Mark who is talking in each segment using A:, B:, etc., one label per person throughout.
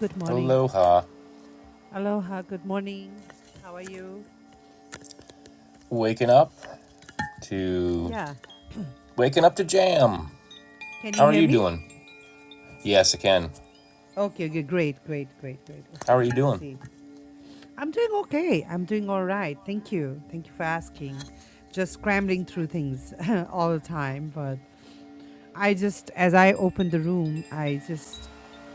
A: Good morning.
B: Aloha.
A: Aloha. Good morning. How are you?
B: Waking up to
A: Yeah.
B: waking up to jam.
A: Can
B: How
A: you
B: are
A: hear
B: you doing?
A: me?
B: Yes, I can.
A: Okay, okay. Great, great, great, great.
B: How
A: Okay,
B: are
A: let
B: you
A: me
B: doing?
A: see. I'm doing okay. I'm doing all right. Thank you. Thank you for asking. Just scrambling through things all the time. But I just, as I opened the room, I just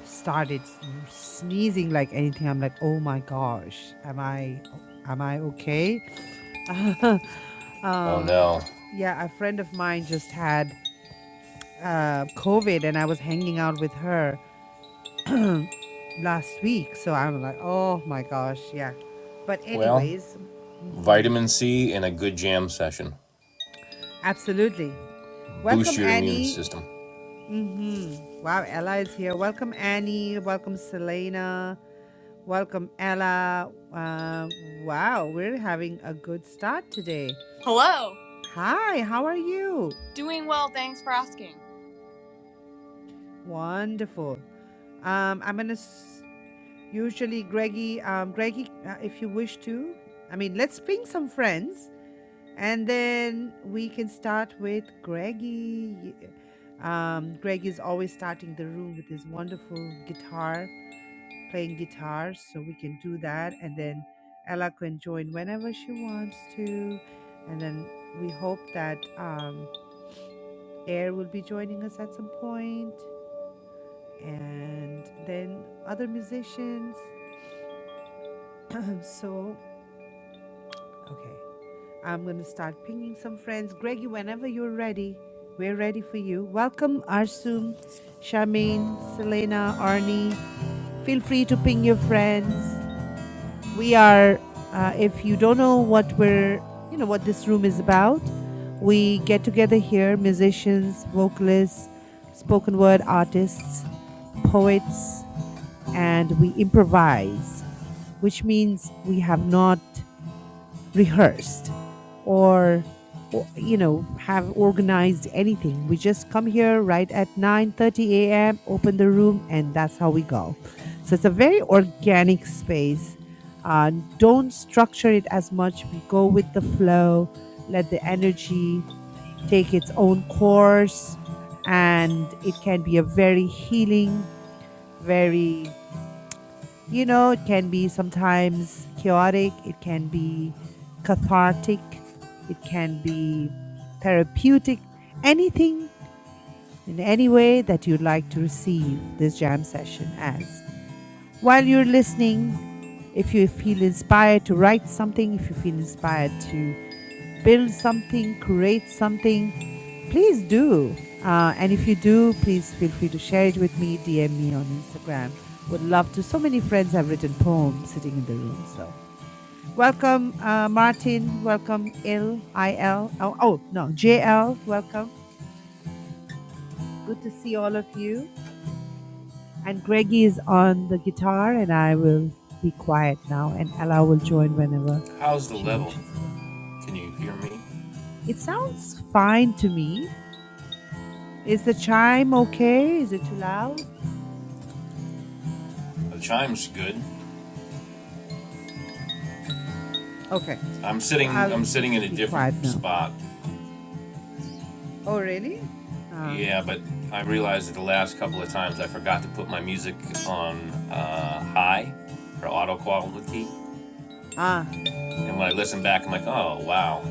A: started sneezing like anything. I'm like, oh my gosh, am I, am I okay? um,
B: Oh
A: a
B: no.
A: fr- yeah, a friend of mine just had uh, COVID and I was hanging out with her last week. So I'm like, oh my gosh, yeah. But,
B: Well,
A: anyways,
B: vitamin C and a good jam session.
A: absolutely.
B: Boost
A: Welcome,
B: your immune
A: Annie.
B: system.
A: Mm-hmm. Wow, Ella is here. Welcome, Annie. Welcome, Selena. Welcome, Ella. Uh, wow, we're having a good start today. Hi, how are you? Wonderful. Um, I'm gonna. s- Usually, Greggy, um, Greggy, uh, if you wish to, I mean, let's ping some friends and then we can start with Greggy. Um, Greg is always starting the room with his wonderful guitar, playing guitar, so we can do that. And then Ella can join whenever she wants to. And then we hope that um, Air will be joining us at some point, and then other musicians. so, okay. I'm going to start pinging some friends. Greggy, whenever you're ready, we're ready for you. Welcome, Arsum, Shamin, Selena, Arnie. Feel free to ping your friends. We are, uh, if you don't know what we're, you know, what this room is about, we get together here musicians, vocalists, spoken word artists, poets, and we improvise, which means we have not rehearsed or, or you know have organized anything we just come here right at 9:30 a.m open the room and that's how we go so it's a very organic space uh, don't structure it as much we go with the flow let the energy take its own course and it can be a very healing very you know, it can be sometimes chaotic, it can be cathartic, it can be therapeutic, anything in any way that you'd like to receive this jam session as. While you're listening, if you feel inspired to write something, if you feel inspired to build something, create something, please do. Uh, and if you do, please feel free to share it with me, DM me on Instagram. Would love to. So many friends have written poems sitting in the room. So welcome, uh, Martin. Welcome, Il, I L. Oh, oh, no, JL. Welcome. Good to see all of you. And Greggy is on the guitar, and I will be quiet now, and Ella will join whenever
B: How's the
A: she
B: level?
A: wishes to.
B: Can you hear me?
A: It sounds fine to me Is the chime okay? Is it too loud?
B: The chime's good.
A: Okay.
B: I'm
A: So
B: sitting
A: I'll
B: I'm sitting in a
A: just be quiet
B: different
A: now.
B: spot.
A: Oh, really? Ah.
B: Yeah, but I realized that the last couple of times I forgot to put my music on uh, high for auto quality.
A: Ah.
B: And when I listen back, I'm like, oh wow,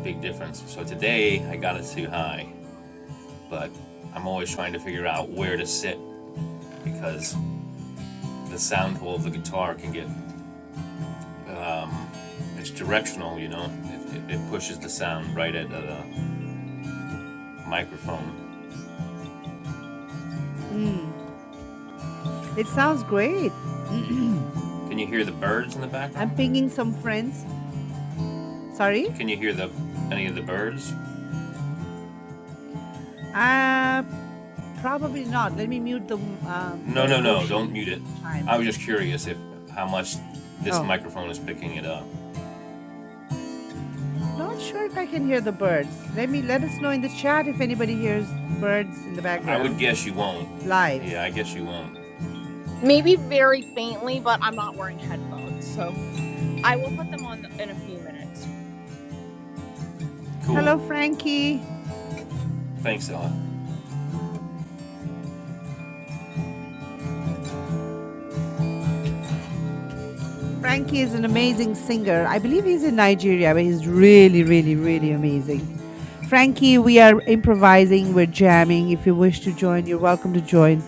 B: big difference. So today I got it too high, but I'm always trying to figure out where to sit because the sound hole of the guitar can get it's directional, you know. It, it, it pushes the sound right at the microphone.
A: It sounds great.
B: Can you hear the birds in the
A: I'm
B: background?
A: pinging some friends. Sorry?
B: Can you hear the any of the birds?
A: Uh, probably not. Let me mute the, um,
B: No,
A: the
B: no, no, don't
A: Koshi
B: mute it. I
A: chimes.
B: was just curious if how much this
A: Oh.
B: microphone is picking it up.
A: Not sure if I can hear the birds. Let me let us know in the chat if anybody hears birds in the
B: I would
A: background
B: guess you won't.
A: live.
B: Yeah, I guess you won't.
A: Hello,
B: Cool.
A: Frankie.
B: Thanks, Ella.
A: Frankie is an amazing singer. I believe he's in Nigeria, but he's really, really, really amazing. Frankie, we are improvising, we're jamming. If you wish to join, you're welcome to join.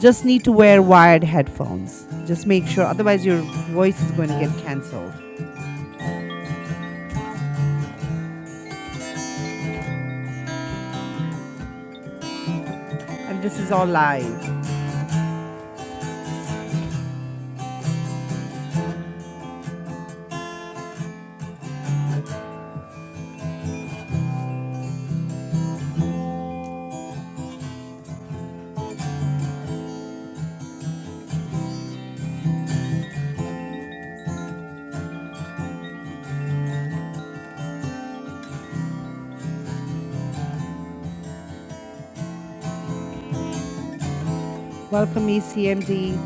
A: Just need to wear wired headphones. Just make sure, otherwise, your voice is going to get cancelled. And this is all live. Welcome, ECMD.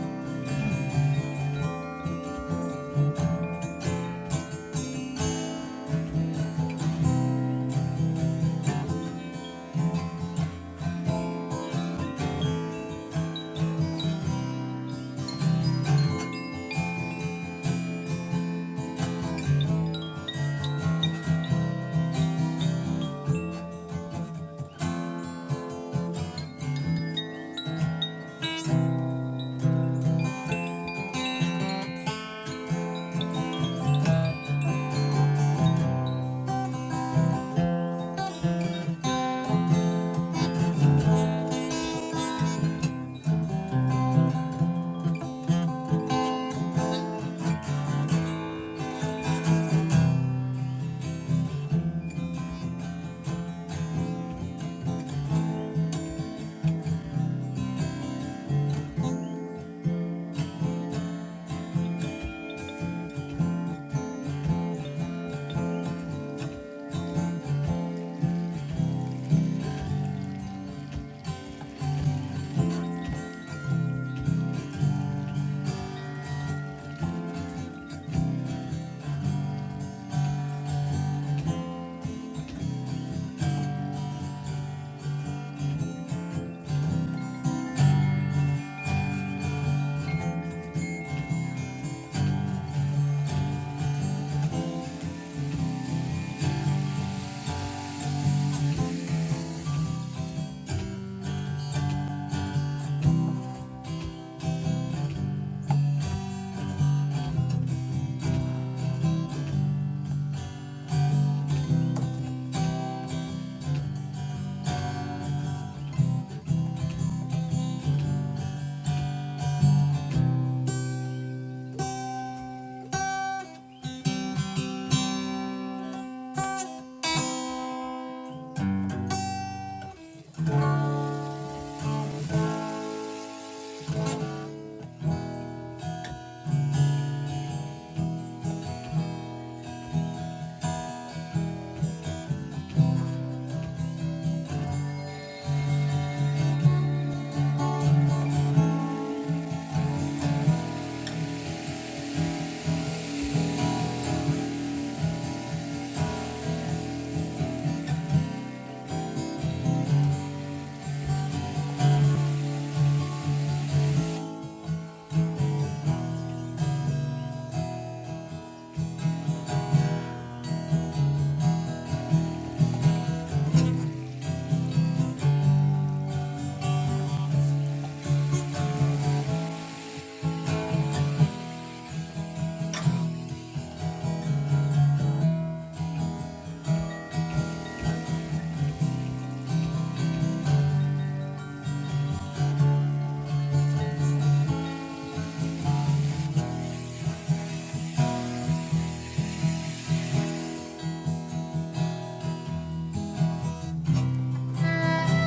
C: Thank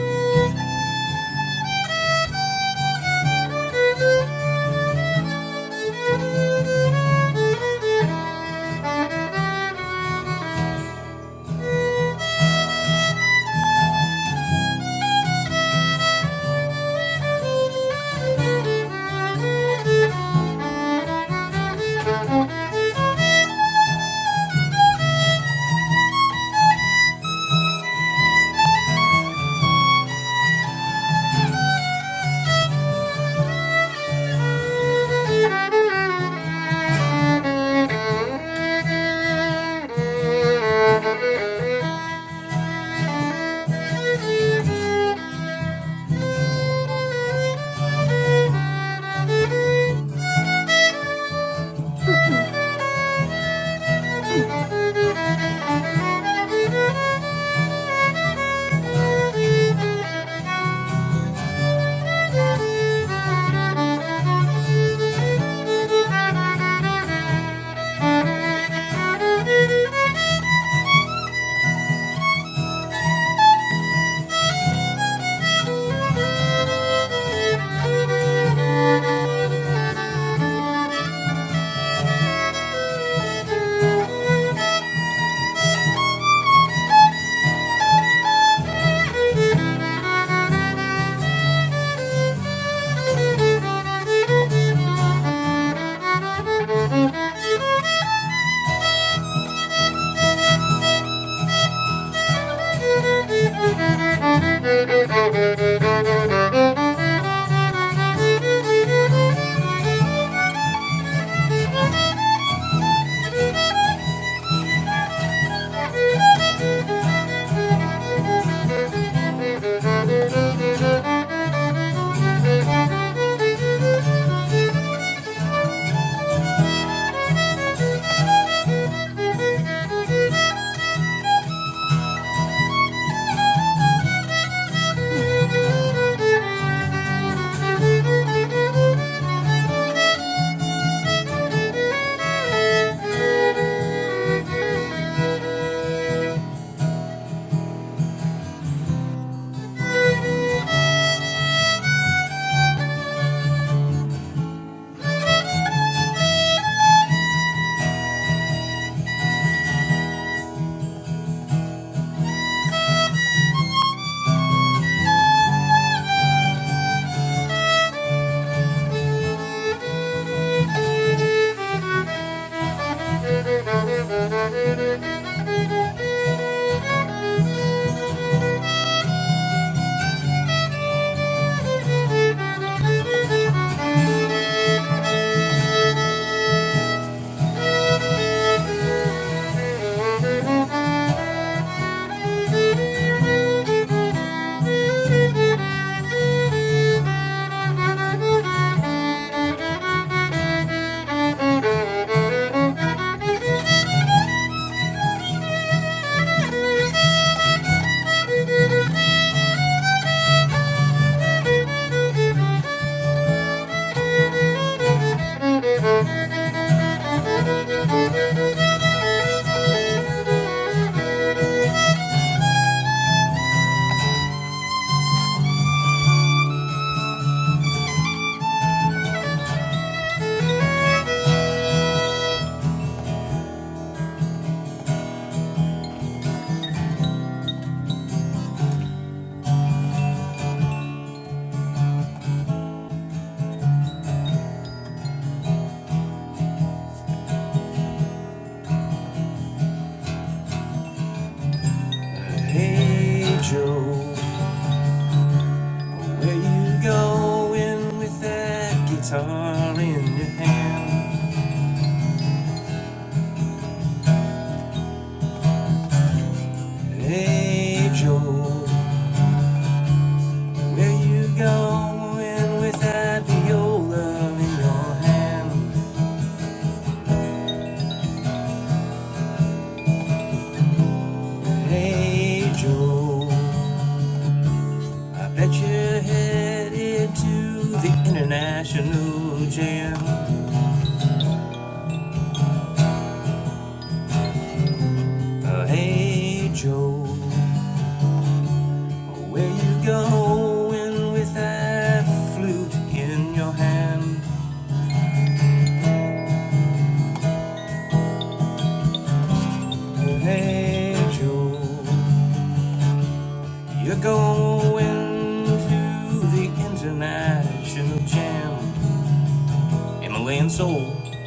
C: you. Thank you. Thank you. Thank you. Thank you. Thank you. Thank you. Thank you. Thank you.
B: Uh, hey, Joe. Where you going with that guitar in your hand? Hey Joe, where you going with that viola in your hand? Hey Joe, I bet you're headed to the international jam. Uh, hey Joe, where you going with that flute in your hand? Oh, Hey Joe, you're going to the international jam, Himalayan Soul.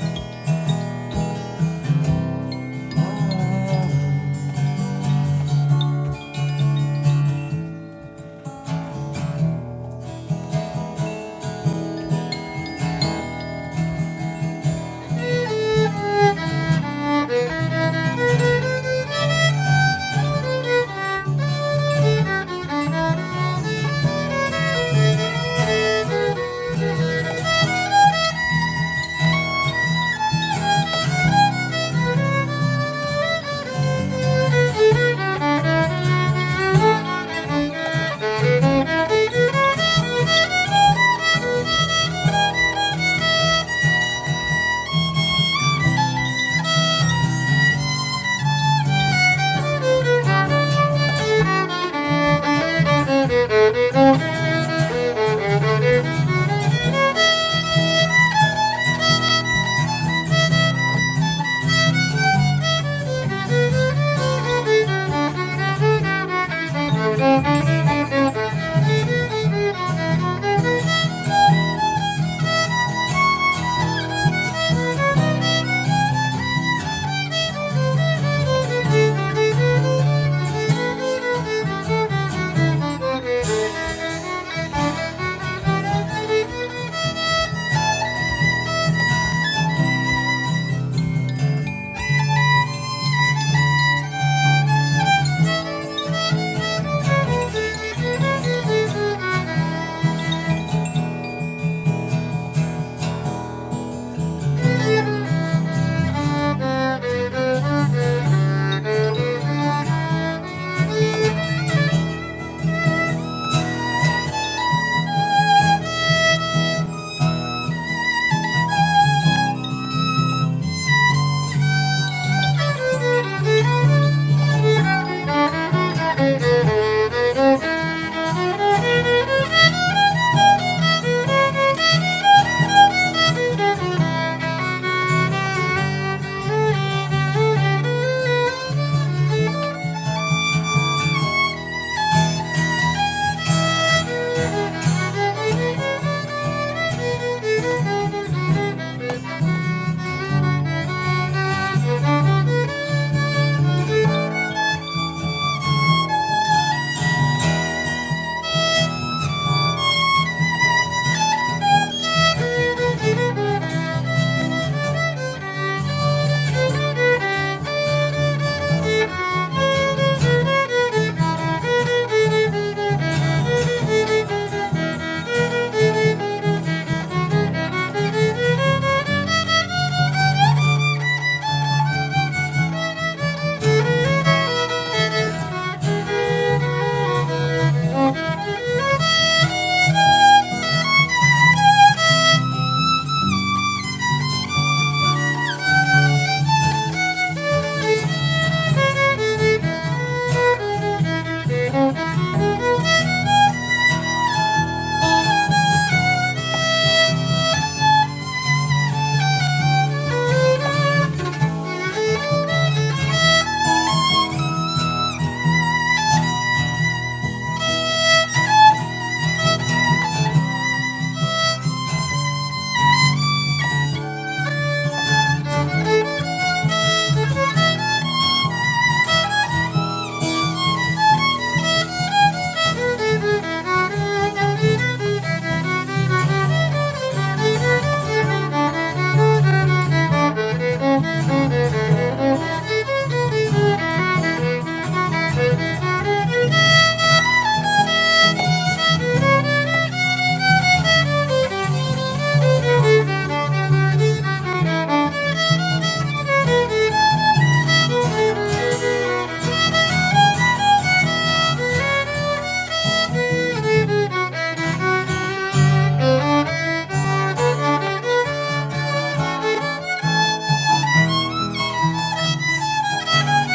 C: Thank you. Thank you. Thank you. Thank you. Thank you. Thank you. Thank you. Thank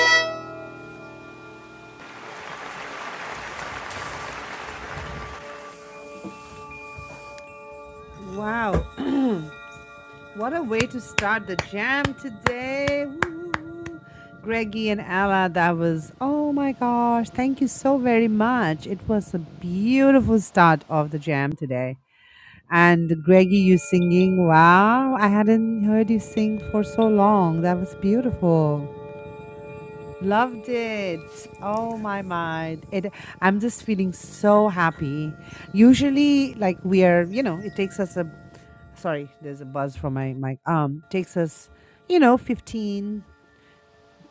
C: you.
A: Wow. What a way to start the jam today. Woo. Greggy and Ella, that was, oh my gosh, thank you so very much. It was a beautiful start of the jam today. And Greggy, you singing, wow, I hadn't heard you sing for so long. That was beautiful. Loved it. Oh my mind! It I'm just feeling so happy. Usually like we are, you know, it takes us a sorry, there's a buzz from my mic. Um, takes us, you know, 15,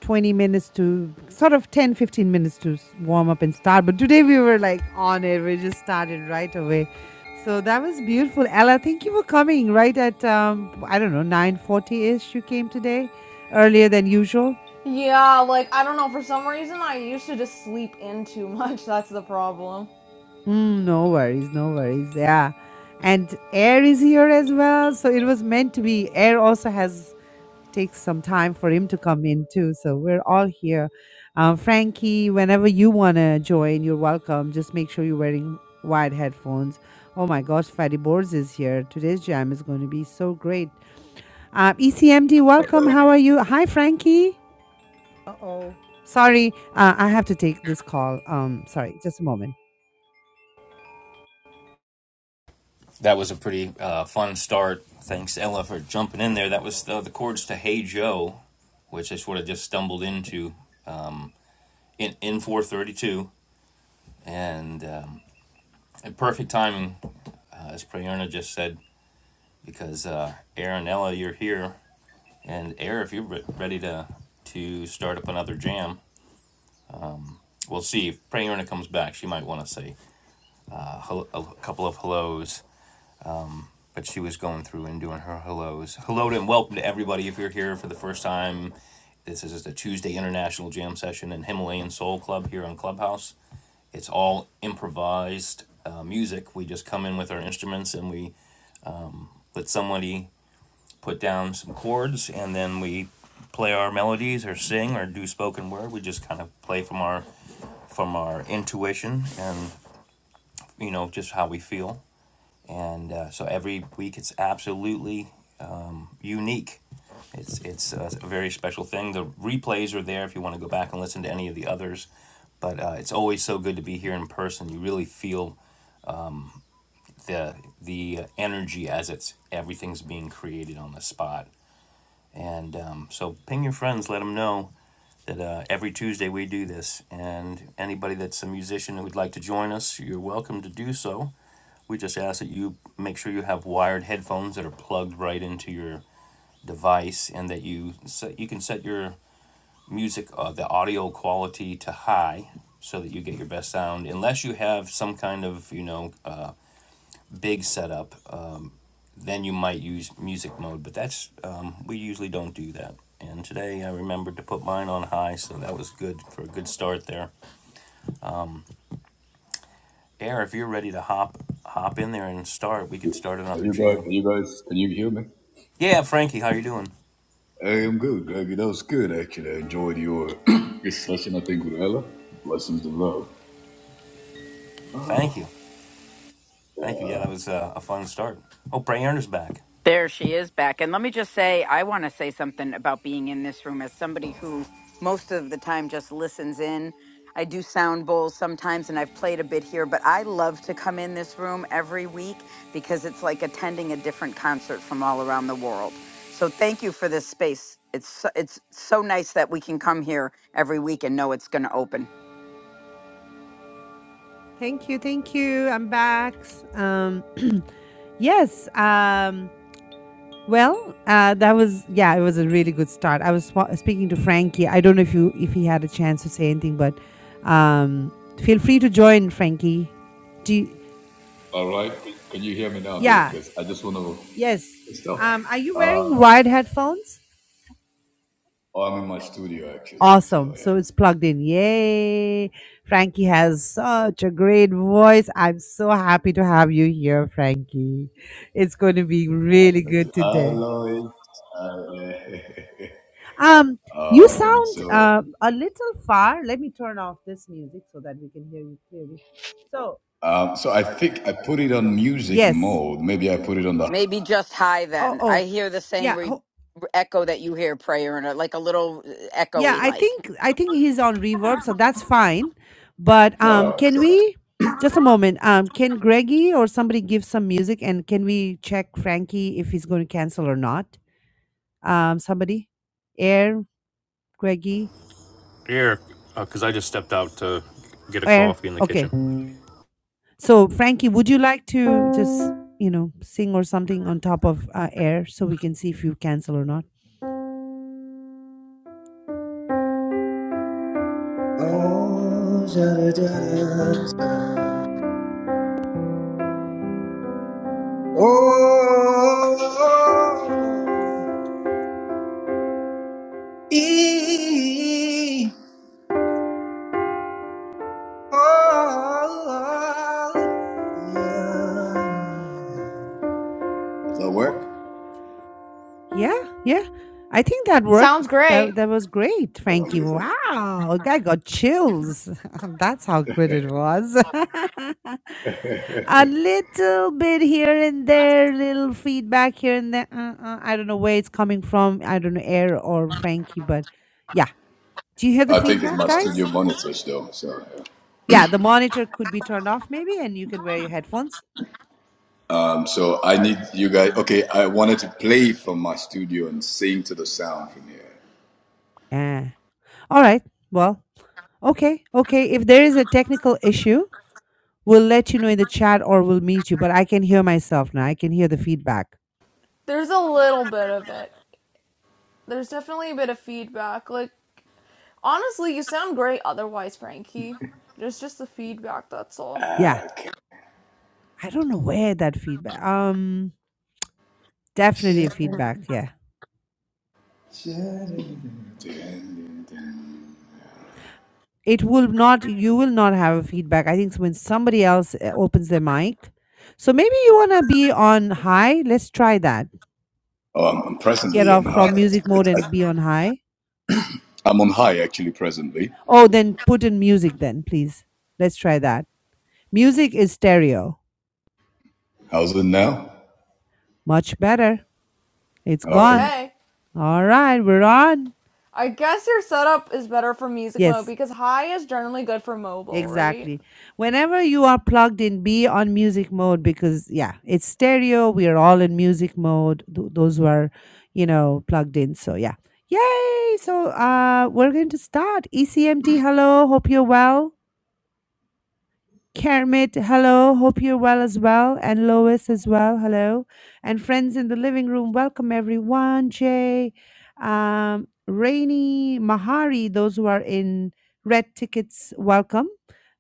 A: 20 minutes to sort of 10, 15 minutes to s- warm up and start. But today we were like on it. We just started right away. So that was beautiful. Ella, thank you for coming right at, um, I don't know, 9.40ish you came today, earlier than usual.
C: Yeah, like I don't know, for some reason I used to just sleep in too much. That's the problem.
A: Mm, no worries, no worries. Yeah. And Air is here as well. So it was meant to be. Air also has takes some time for him to come in too. So we're all here. Um, Frankie, whenever you want to join, you're welcome. Just make sure you're wearing wide headphones. Oh my gosh, Fatty Boards is here. Today's jam is going to be so great. Uh, ECMD, welcome.
D: Hello.
A: How are you? Hi, Frankie. Uh oh. Sorry, uh, I have to take this call. Um, sorry, just a moment.
B: That was a pretty uh, fun start. Thanks Ella for jumping in there. That was the, the chords to Hey Joe, which I sort of just stumbled into in in 432, and um, perfect timing, uh, as Prayerna just said, because uh, Aaron Ella, you're here. And Air, if you're ready to to start up another jam, we'll see. If Prayerna comes back, she might want to say uh, hel- a couple of hellos. But she was going through and doing her hellos. Hello and welcome to everybody. If you're here for the first time, this is the Tuesday International Jam Session in Himalayan Soul Club here on Clubhouse. It's all improvised uh, music. We just come in with our instruments and we let somebody put down some chords and then we play our melodies or sing or do spoken word. We just kind of play from our from our intuition and you know just how we feel. And uh, so every week it's absolutely unique. It's it's uh, a very special thing. The replays are there if you want to go back and listen to any of the others. But uh, it's always so good to be here in person. You really feel the the energy as it's everything's being created on the spot And um, so ping your friends, let them know that uh, every Tuesday we do this. And anybody that's a musician who would like to join us, you're welcome to do so. We just ask that you make sure you have wired headphones that are plugged right into your device, and that you set, you can set your music uh, the audio quality to high so that you get your best sound. Unless you have some kind of you know uh, big setup Uh, then you might use music mode, but that's, um, we usually don't do that. And today I remembered to put mine on high, so that was good for a good start there. Air, if you're ready to hop, hop in there and start, we could start
D: Are
B: another
D: You guys,
B: jam.
D: are you guys, can you hear me?
B: Yeah, Frankie, how you doing?
D: I am good. I that was good, actually. I enjoyed your your session, I think, with Ella. Blessings of love.
B: Thank
D: Oh,
B: you, thank you. Yeah,
D: yeah.
B: that was uh, a fun start. Oh, Bray Erner's back.
E: There she is back. And let me just say, I want to say something about being in this room as somebody who most of the time just listens in. I do sound bowls sometimes and I've played a bit here, but I love to come in this room every week because it's like attending a different concert from all around the world. So thank you for this space. It's so, it's so nice that we can come here every week and know it's going to open.
A: Thank you, thank you. I'm back. Um, yes. Um, Well, uh, that was yeah, it was a really good start. I was swa- speaking to Frankie. I don't know if you if he had a chance to say anything, but um, feel free to join, Frankie. Do you,
D: All right. Can can you hear me now, though?
A: yeah,
D: Because I just want to
A: yes.
D: stop.
A: Um, are you wearing
D: Um,
A: wired headphones?
D: oh, I'm in my studio, actually. So,
A: Awesome.
D: yeah.
A: So it's plugged in. Yay! Frankie has such a great voice. I'm so happy to have you here, Frankie. It's going to be really good today.
D: Hello.
A: Um, you
D: um,
A: sound
D: so,
A: uh, a little far. Let me turn off this music so that we can hear you clearly. So
D: um, so I think I put it on music
A: yes.
D: mode. Maybe I put it on the.
E: Maybe just hi
A: Oh
E: then. I
A: oh
E: hear the same
A: yeah
E: re-
A: ho-
E: echo that you hear prayer and uh, like a little uh,
A: yeah.
E: echoey
A: I
E: like.
A: think I think he's on reverb, so that's fine. But um,
D: No.
A: can we just a moment? Um, can Greggy or somebody give some music and can we check Frankie if he's going to cancel or not? Um, somebody, Air Greggy
B: Here, because uh, I just stepped out to get a
A: Air.
B: coffee in the
A: Okay.
B: kitchen.
A: So, Frankie, would you like to just, you know, sing or something on top of uh, air so we can see if you cancel or not?
D: Oh, da, da, da, da. oh, e, oh, yeah. Does that work?
A: Yeah, yeah. I think that worked.
C: Sounds
A: That
C: great.
A: that was great,
D: Oh,
A: Frankie.
D: beautiful.
A: Wow, I got chills. That's how good it was. A little bit here and there, little feedback here and there. Uh-uh. I don't know where it's coming from. I don't know air or Frankie, but yeah. Do you hear the
D: I think it's
A: feedback,
D: my studio
A: guys?
D: monitors, though. So,
A: Yeah, the monitor could be turned off maybe, and you can wear your headphones.
D: um, so I need you guys. Okay, I wanted to play from my studio and sing to the sound from here.
A: Eh. All right. Well, okay, okay. If there is a technical issue. We'll let you know in the chat or we'll meet you. But I can hear myself now. I can hear the feedback.
C: There's a little bit of it. There's definitely a bit of feedback. Like honestly, you sound great otherwise, Frankie. There's just the feedback, that's all.
A: Yeah. I don't know where that feedback. Um, definitely feedback. Yeah.
D: Okay.
A: It will not, you will not have a feedback. I think it's when somebody else uh, opens their mic. So maybe you want to be on high. Let's try that.
D: Oh, I'm, I'm
A: Get
D: presently on
A: off
D: high.
A: from music
D: I,
A: mode
D: I,
A: and be on high.
D: I'm on high actually presently.
A: Oh, then put in music then, please. Let's try that. Music is stereo.
D: How's it now?
A: Much better. It's
D: Okay.
A: gone.
C: Okay.
A: All right, we're on.
C: I guess your setup is better for music mode
A: Yes.
C: because high is generally good for mobile, right?
A: Exactly. Whenever you are plugged in, be on music mode because, yeah, it's stereo. We are all in music mode. th- those who are, you know, plugged in. So, yeah. Yay. So, uh, we're going to start. ECMT, hello. Hope you're well. Kermit, hello. Hope you're well as well. And Lois as well, hello. And friends in the living room, welcome everyone. Jay, um, Rainy, Mahari, those who are in red tickets, welcome.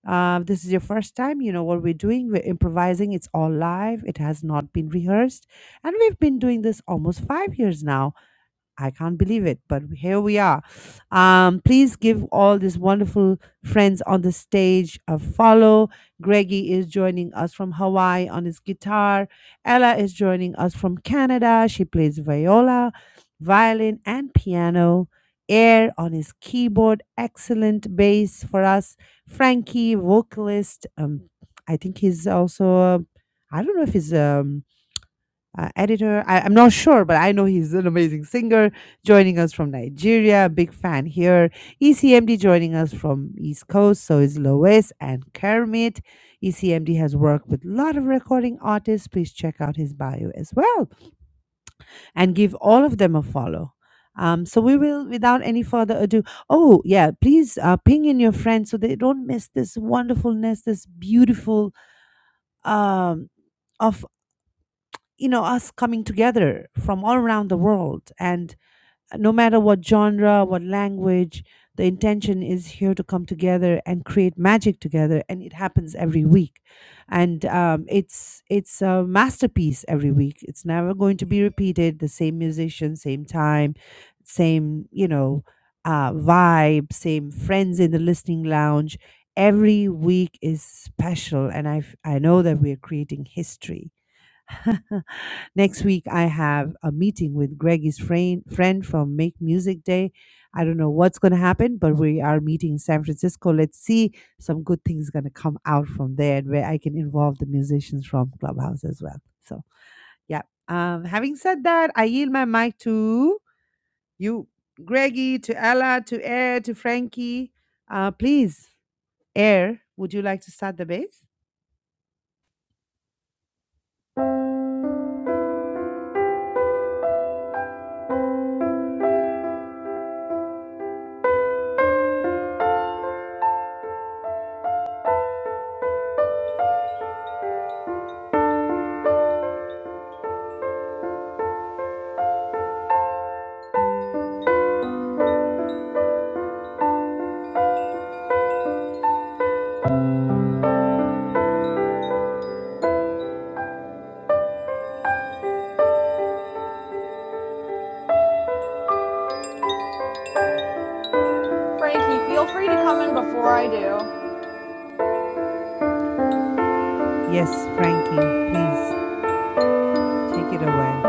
A: Uh, this is your first time. You know what we're doing. We're improvising. It's all live. It has not been rehearsed. And we've been doing this almost five years now. I can't believe it, but here we are. Um, please give all these wonderful friends on the stage a follow. Greggy is joining us from Hawaii on his guitar. Ella is joining us from Canada. She plays viola, violin, and piano. Air on his keyboard, excellent bass for us. Frankie, vocalist. Um, I think he's also, I I don't know if he's a uh, editor. I, I'm not sure, but I know he's an amazing singer. Joining us from Nigeria, big fan here. ECMD joining us from East Coast, so is Lois and Kermit. ECMD has worked with a lot of recording artists. Please check out his bio as well and give all of them a follow. Um, so we will, without any further ado. Oh yeah, please uh, ping in your friends so they don't miss this wonderfulness, this beautiful um, of you know us coming together from all around the world and no matter what genre what language the intention is here to come together and create magic together and it happens every week and um, it's it's a masterpiece every week it's never going to be repeated the same musician same time same you know uh, vibe same friends in the listening lounge every week is special and i i know that we're creating history Next week, I have a meeting with Greggy's friend, friend from Make Music Day. I don't know what's going to happen, but we are meeting in San Francisco. Let's see some good things going to come out from there and where I can involve the musicians from Clubhouse as well. So, yeah. Um, having said that, I yield my mic to you, Greggy, to Ella, to Air, to Frankie. Uh, please, Air, would you like to start the bass?
C: Frankie, feel free to come in before I do.
A: Yes, Frankie, please take it away.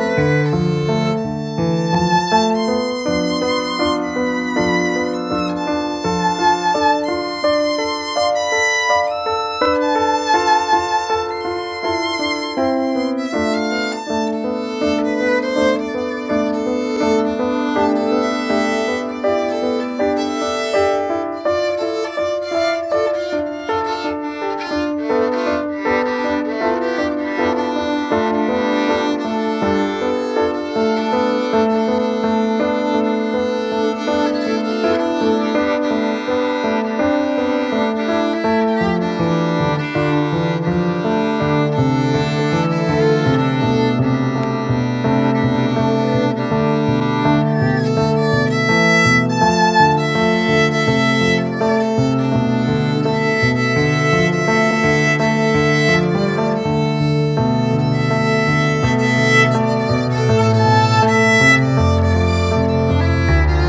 C: Thank you. Thank you. Thank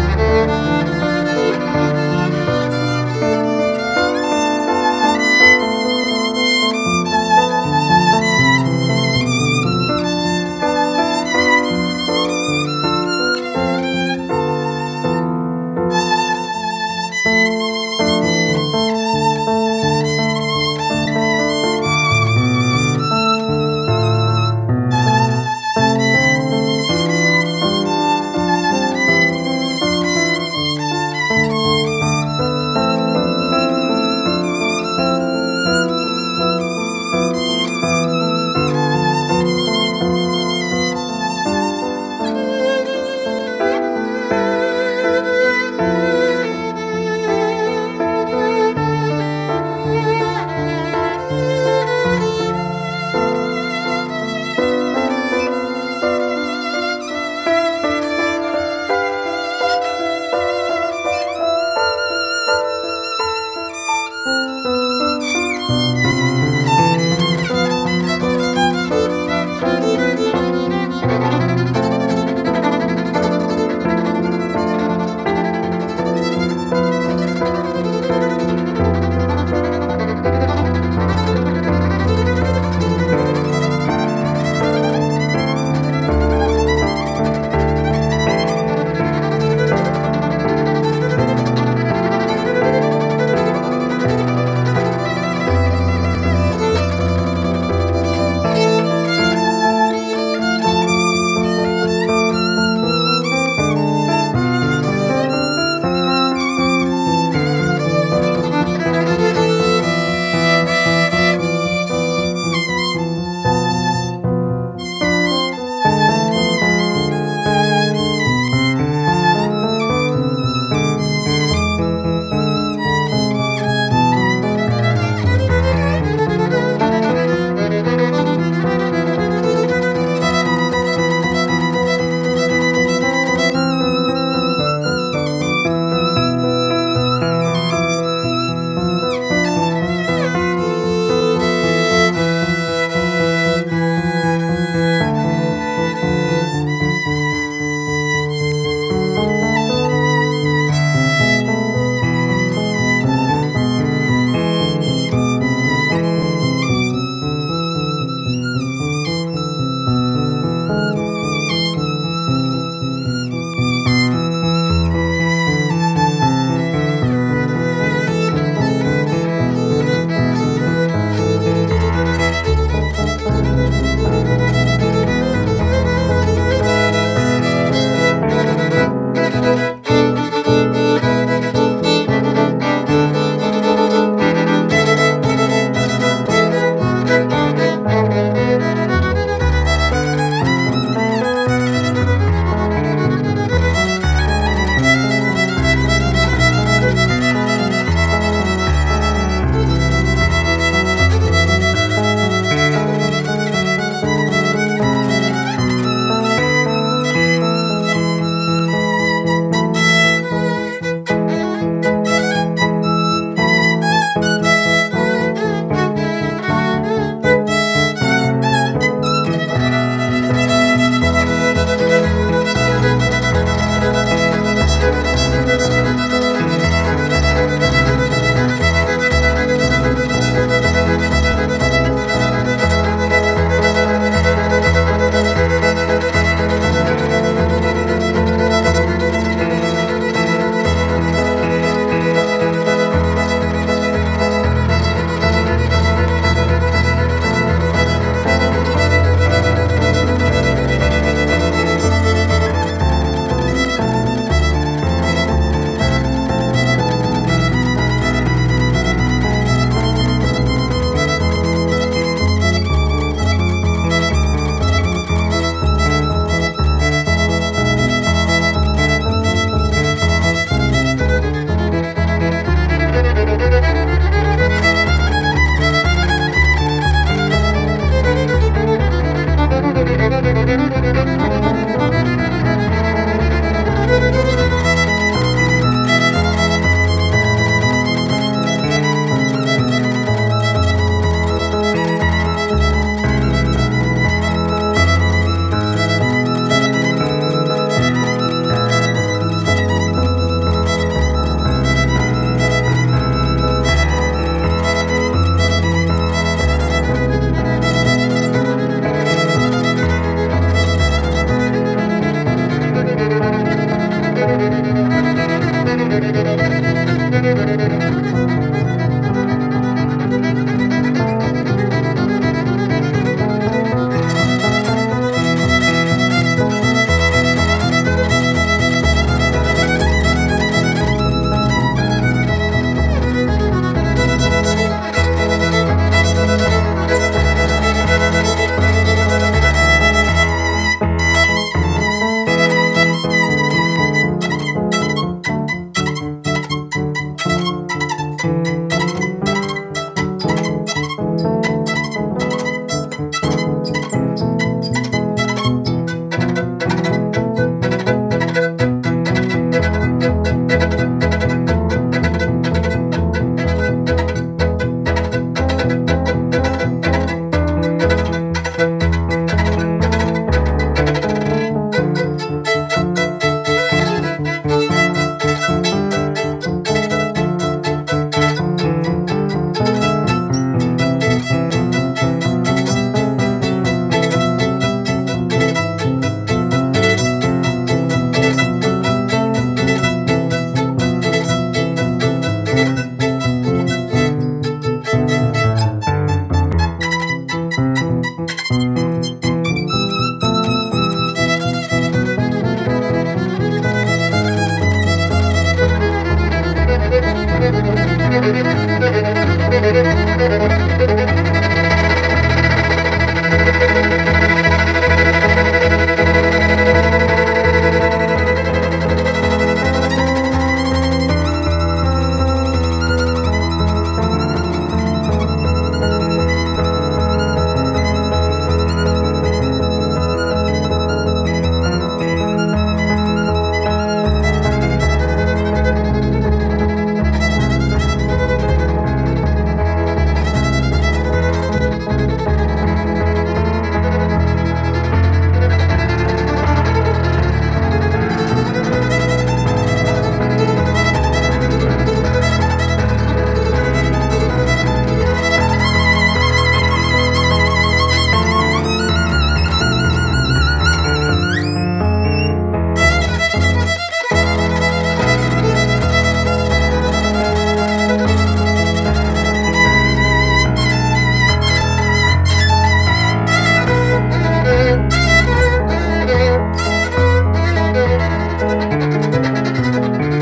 C: you. Thank you. Thank you. Thank you. Thank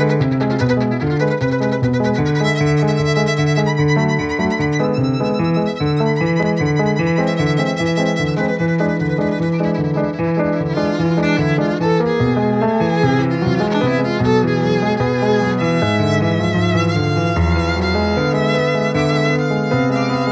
C: you. Thank you.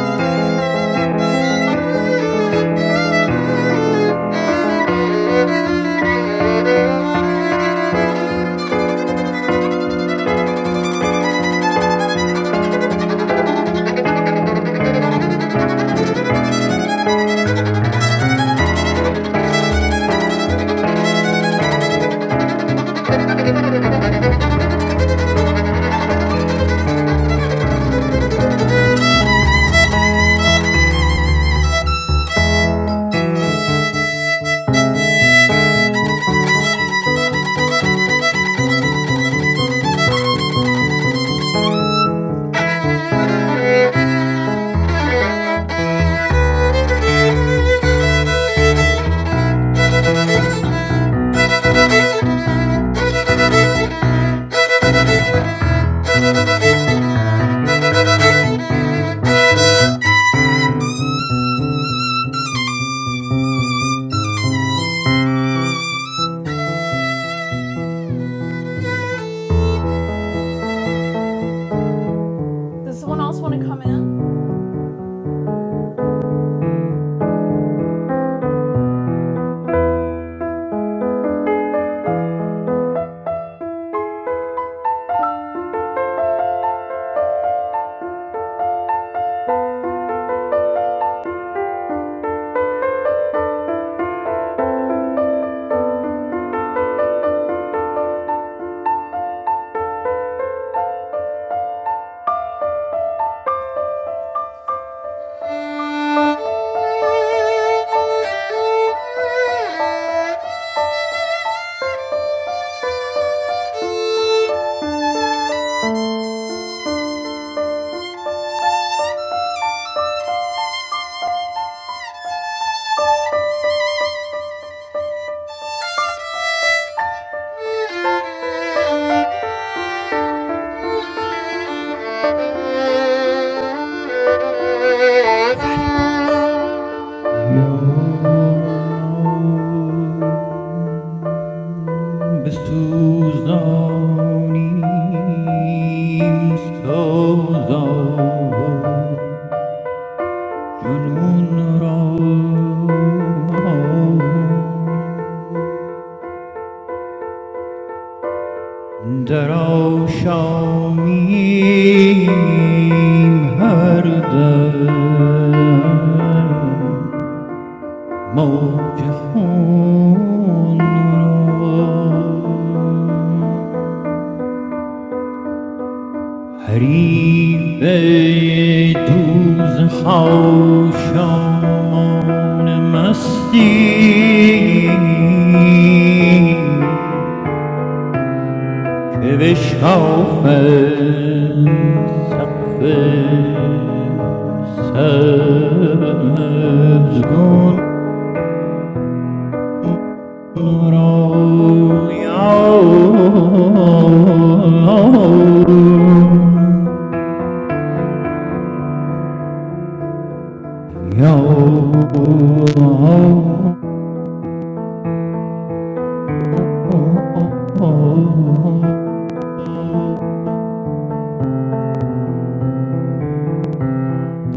C: Does someone else want to come in? Thank you.
A: Varipurs.
F: جان بسوزانیم سوزان جنون را در آشامیم هر دم موج خون را حریف دوز خاشامان مستی که بشکافد سقف سبزگون Yo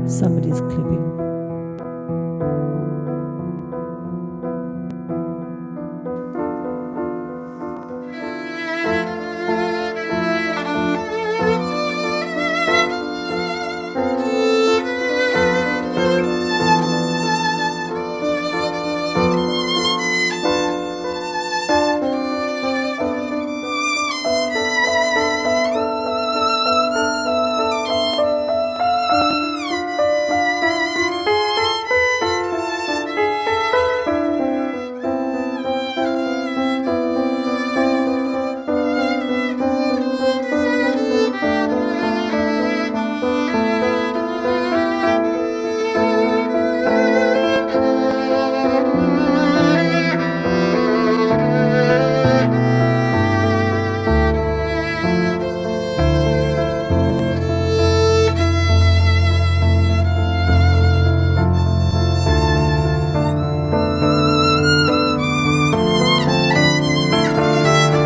A: Somebody's clipping.
C: Thank you. Thank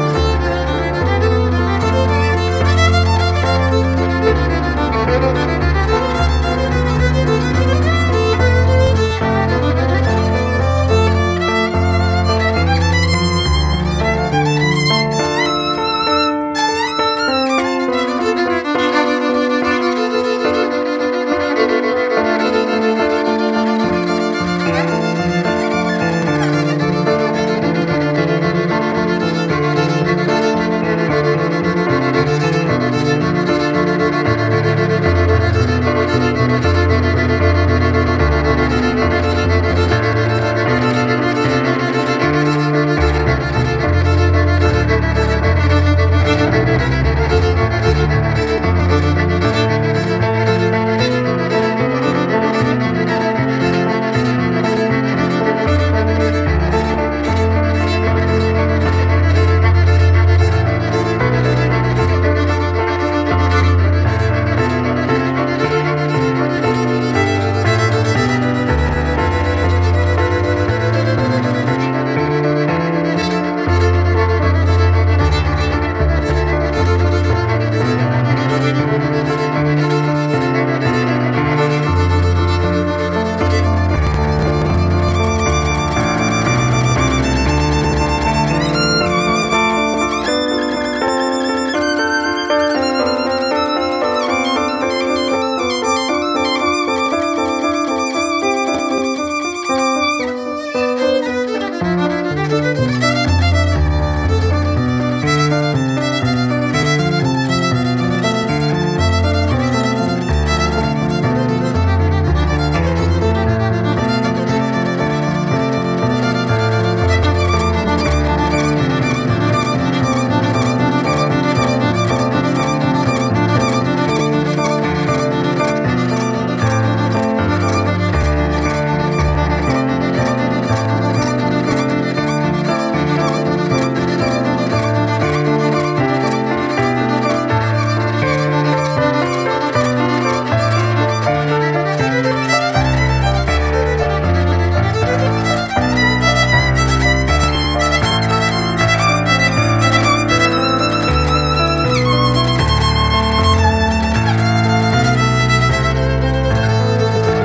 C: you.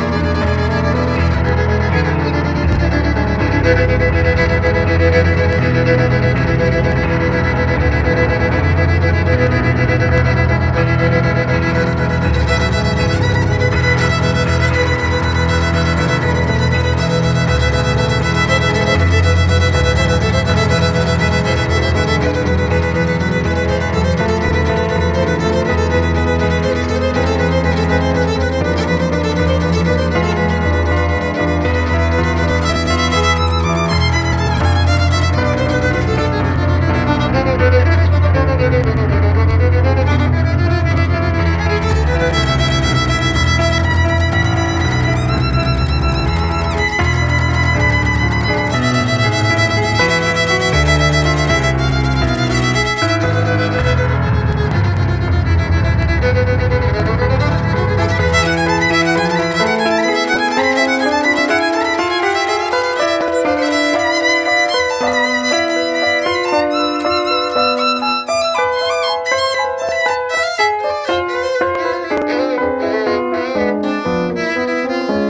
C: Thank you. Thank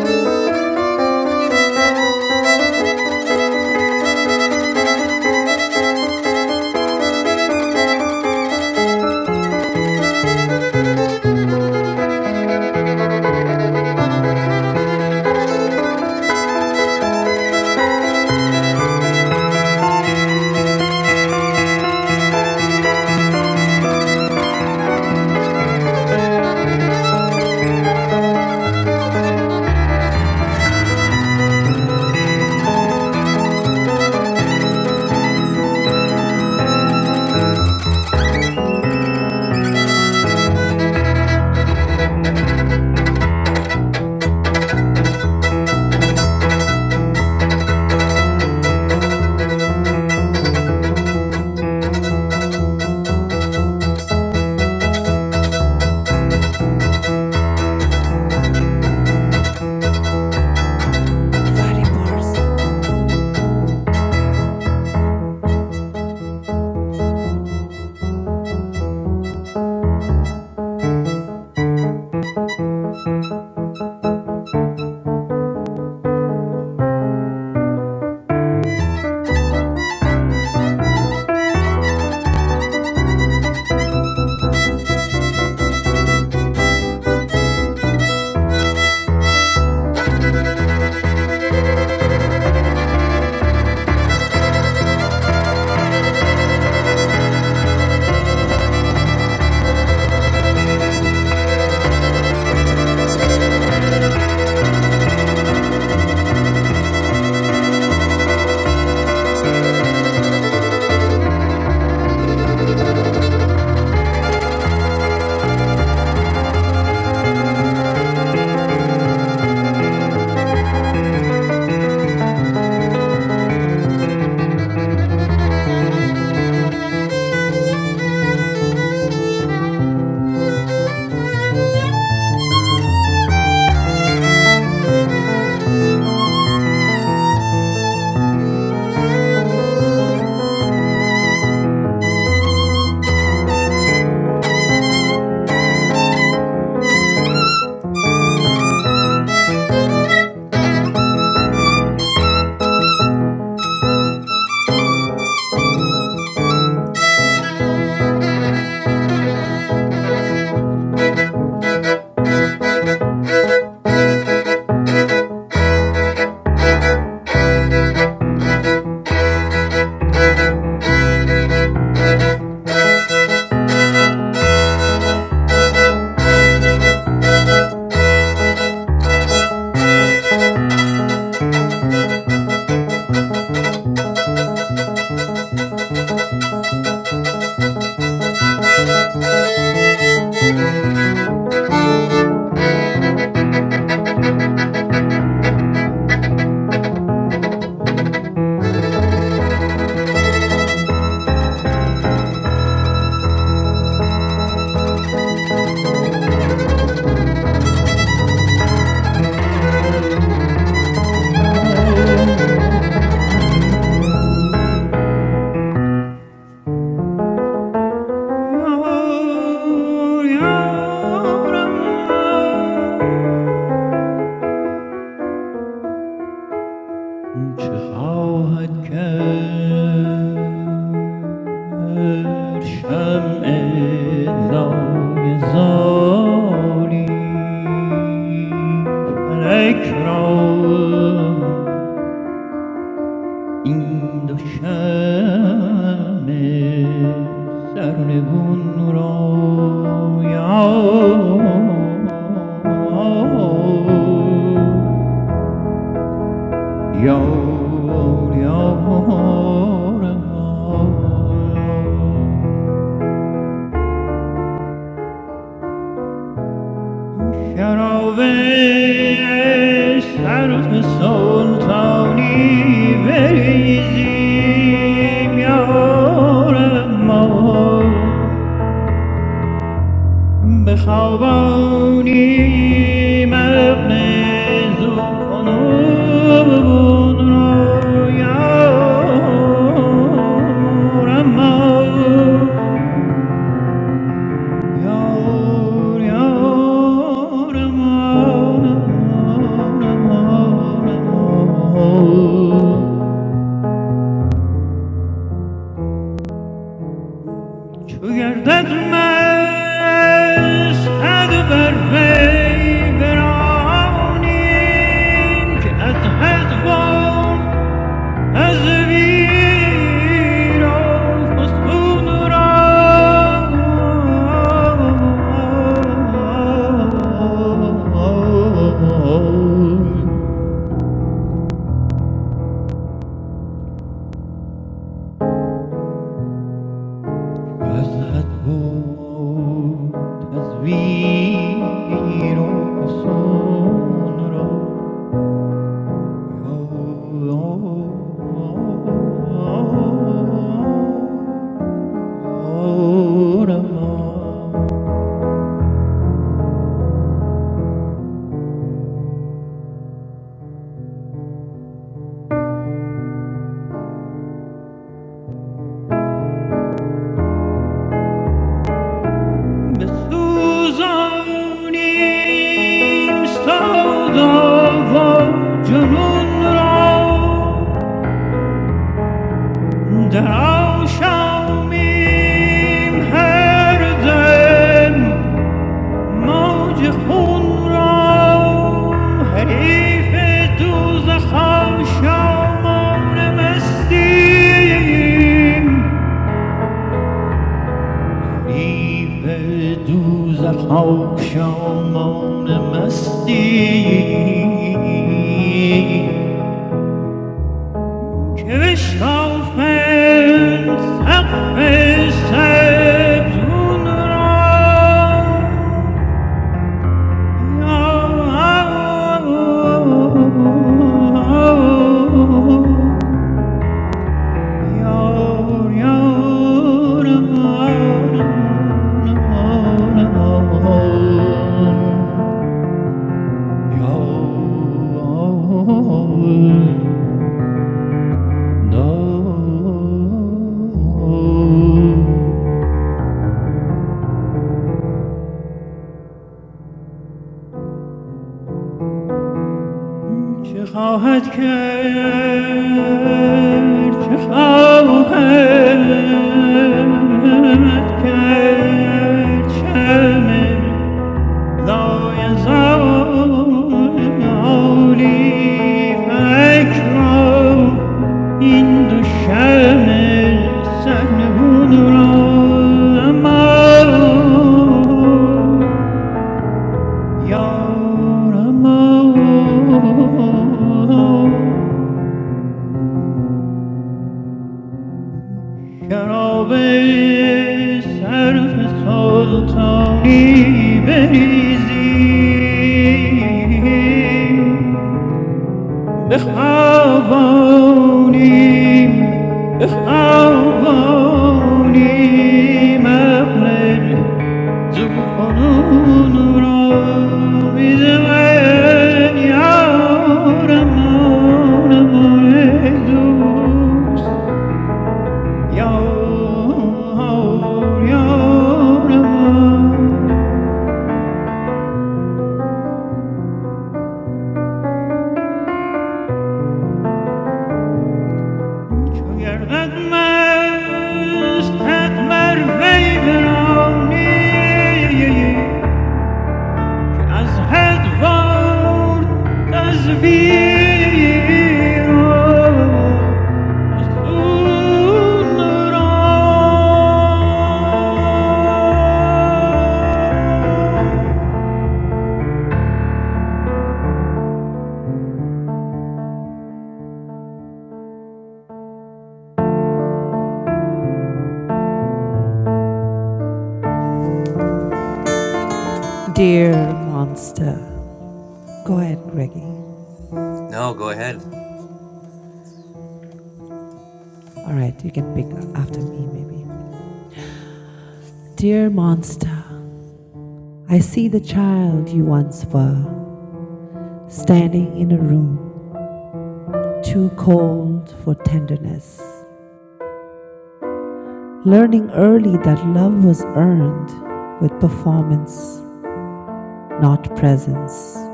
C: you.
A: Firepurse.
C: Thank you.
F: یار یارم چه خواهد کرد شمع لای فلک را این دو شمع سرنگون را یار یار یار ما شراب صرف سلطانی بریزیم یار ما بخوابانی مغن ذوفنون را یا رما یا یا رما رما رما رما چو گردد مشهد بر وی برانیم که از حد برد از ویر و فسون را که از حد بود از ویر و فسون را یا الله بسوزانیم سودا و جنون را در آشامیم هر دم موج خون را حریف دوزخ شامان مستیم حریف دوزخ شامان مستیم که بشکافند سقف سبزون را No. چه خواهد کرد چه خواهد کرد شم لایزالی فلک را این دو شم سرنگون را اما یارم شراب صرف سلطانی بریزی بخوانیم، بخوانیم عقل زوفنون را بیزمن یارم آنمون ای دوست یار یارم آن. چو گردد مستت بر وی برانی که از حد وارد تزویر و سون را
A: Dear monster. Go ahead, Greggy.
B: No, go ahead.
A: All right, you can pick after me, maybe. Dear monster, I see the child you once were, standing in a room, too cold for tenderness, learning early that love was earned with performance, not presence.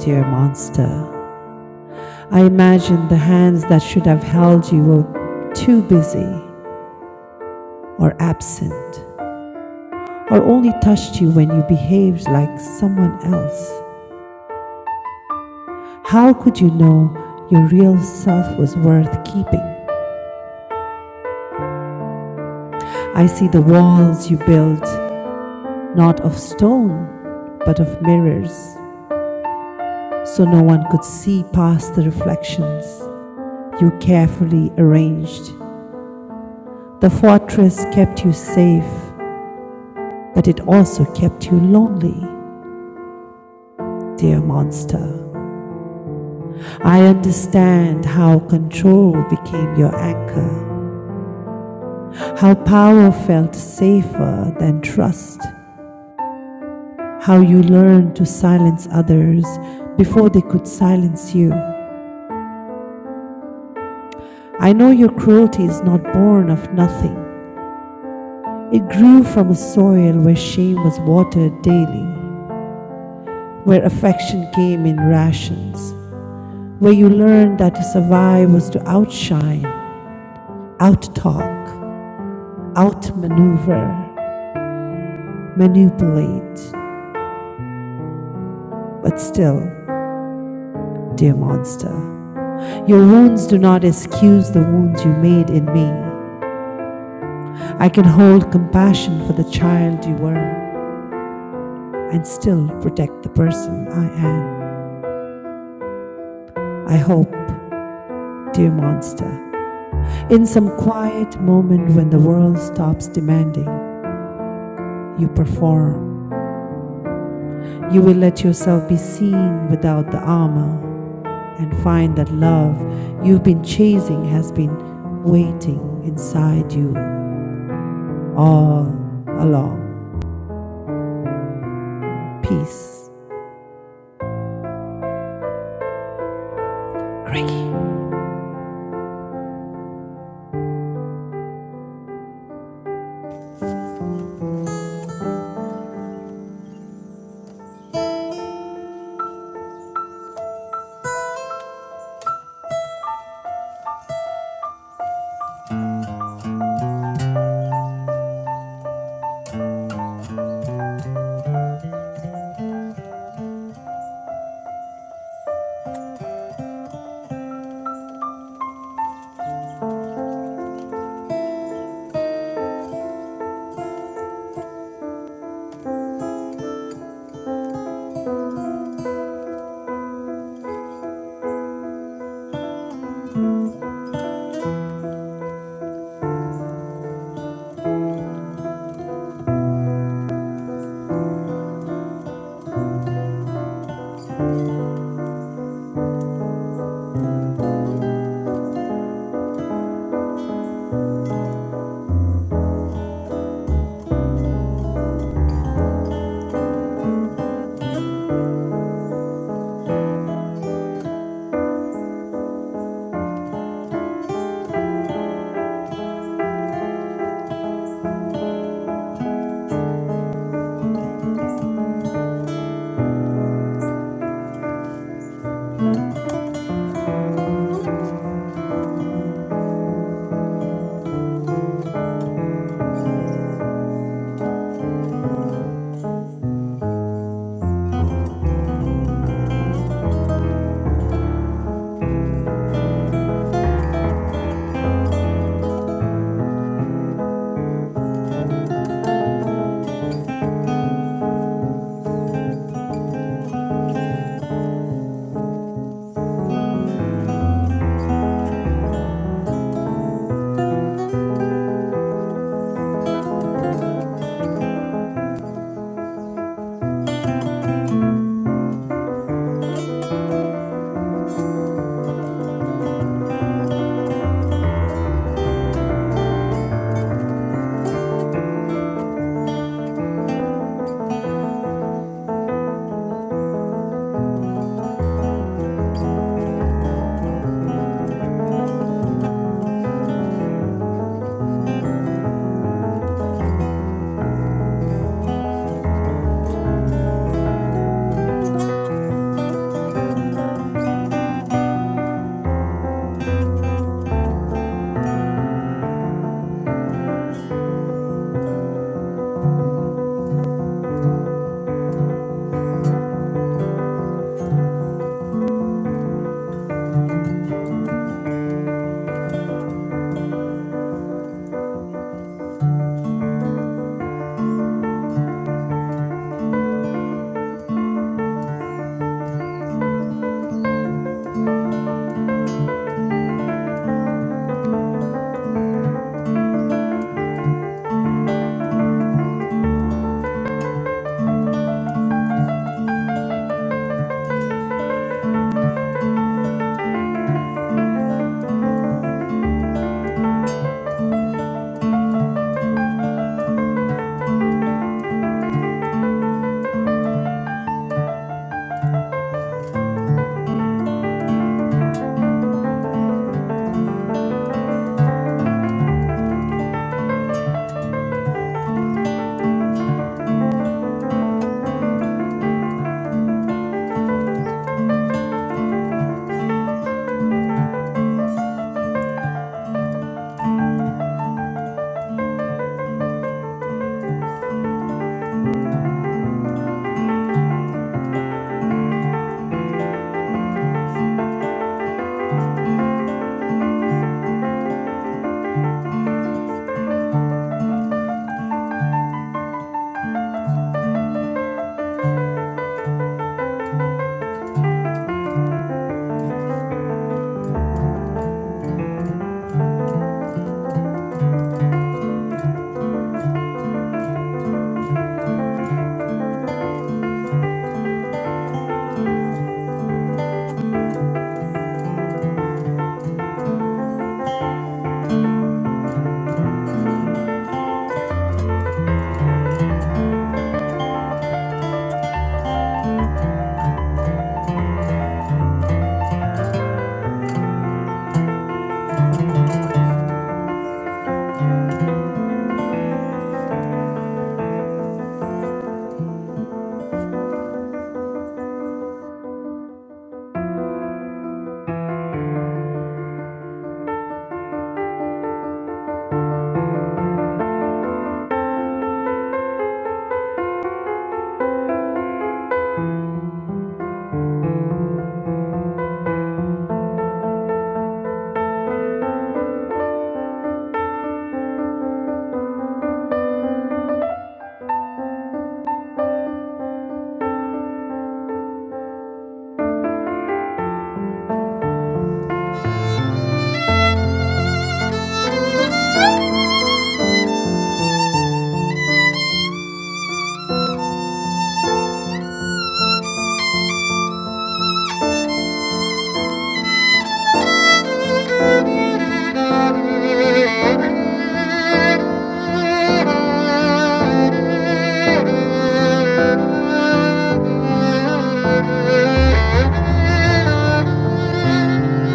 A: Dear monster, I imagine the hands that should have held you were too busy or absent or only touched you when you behaved like someone else? How could you know your real self was worth keeping? I see the walls you built not of stone, but of mirrors, so no one could see past the reflections you carefully arranged. The fortress kept you safe, but it also kept you lonely, dear monster. I understand how control became your anchor, how power felt safer than trust, how you learned to silence others before they could silence you. I know your cruelty is not born of nothing. It grew from a soil where shame was watered daily, where affection came in rations, where you learned that to survive was to outshine, outtalk, outmaneuver, manipulate, But still, dear monster, your wounds do not excuse the wounds you made in me. I can hold compassion for the child you were and still protect the person I am. I hope, dear monster, in some quiet moment when the world stops demanding, you perform. You will let yourself be seen without the armor and find that love you've been chasing has been waiting inside you. all along. Peace. Greggy.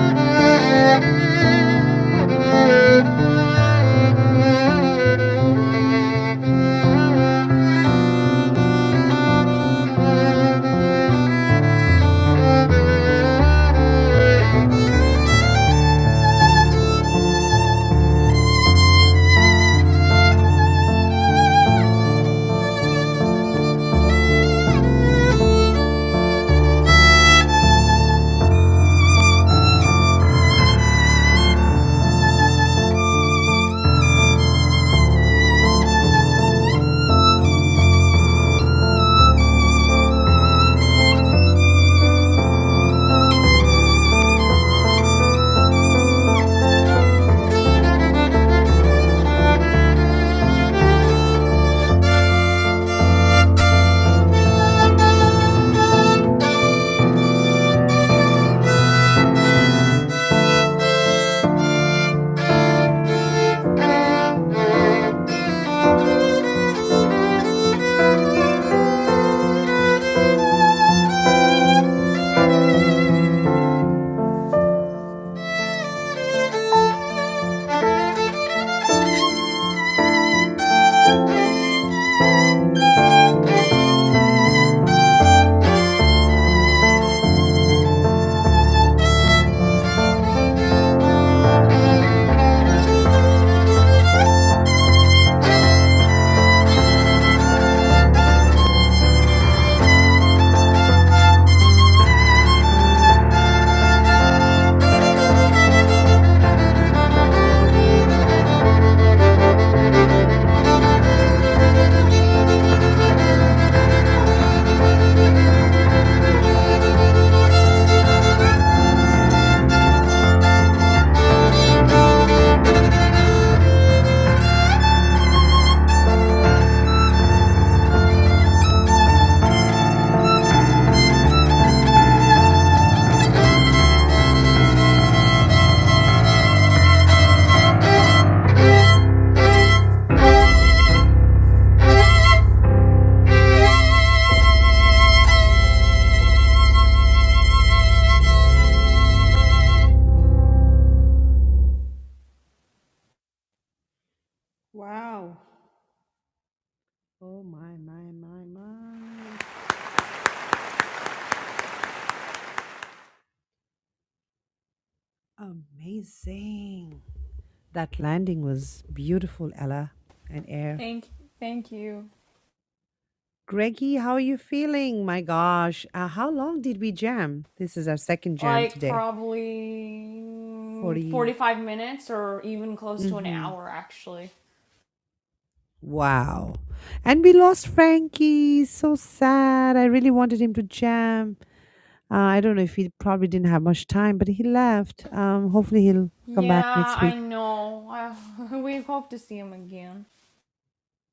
C: Thank you. Thank you. Thank you.
A: Wow. Oh my, my, my, my. Amazing. That landing was beautiful, Ella and Air.
C: Thank thank you.
A: Greggy, how are you feeling? My gosh. Uh, how long did we jam? This is our second jam
C: Like
A: today.
C: probably
A: 40.
C: 45 minutes or even close to an
A: Mm-hmm.
C: hour actually.
A: Wow. And we lost Frankie. So sad. I really wanted him to jam. Uh, I don't know if he probably didn't have much time, but he left. Um, hopefully he'll come back
C: Yeah,
A: next
C: I
A: week.
C: know. I, we hope to see him again.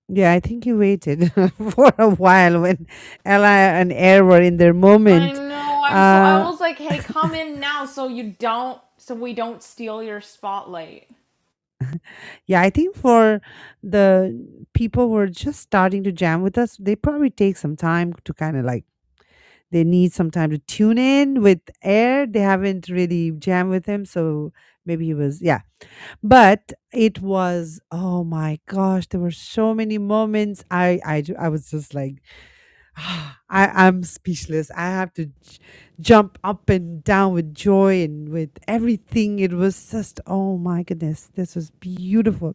A: Yeah, I think he waited for a while when Ella and Air were in their
C: I
A: moment.
C: know. I'm so. I
A: Uh,
C: was like, hey, come in now, so you don't, so we don't steal your spotlight.
A: yeah, I think for the people who are just starting to jam with us, they probably take some time to kind of like They need some time to tune in with air. They haven't really jammed with him, so maybe he was yeah. But it was oh my gosh, there were so many moments. I I ju- I was just like I I'm speechless. I have to j- jump up and down with joy and with everything. It was just oh my goodness, this was beautiful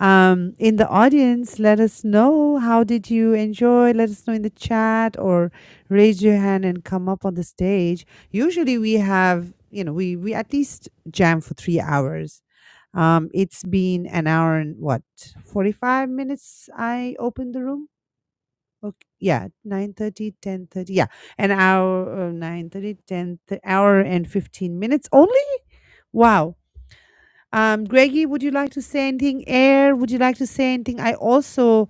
A: um, in the audience, let us know how did you enjoy. Let us know in the chat or raise your hand and come up on the stage. Usually, we have you know we we at least jam for three hours. Um, it's been an hour and what forty five minutes. I opened the room. Okay, yeah, nine thirty, ten thirty. Yeah, an hour, uh, 9.30, 10, th- hour and 15 minutes only? Wow. Um, Greggy, would you like to say anything? Air, would you like to say anything? I also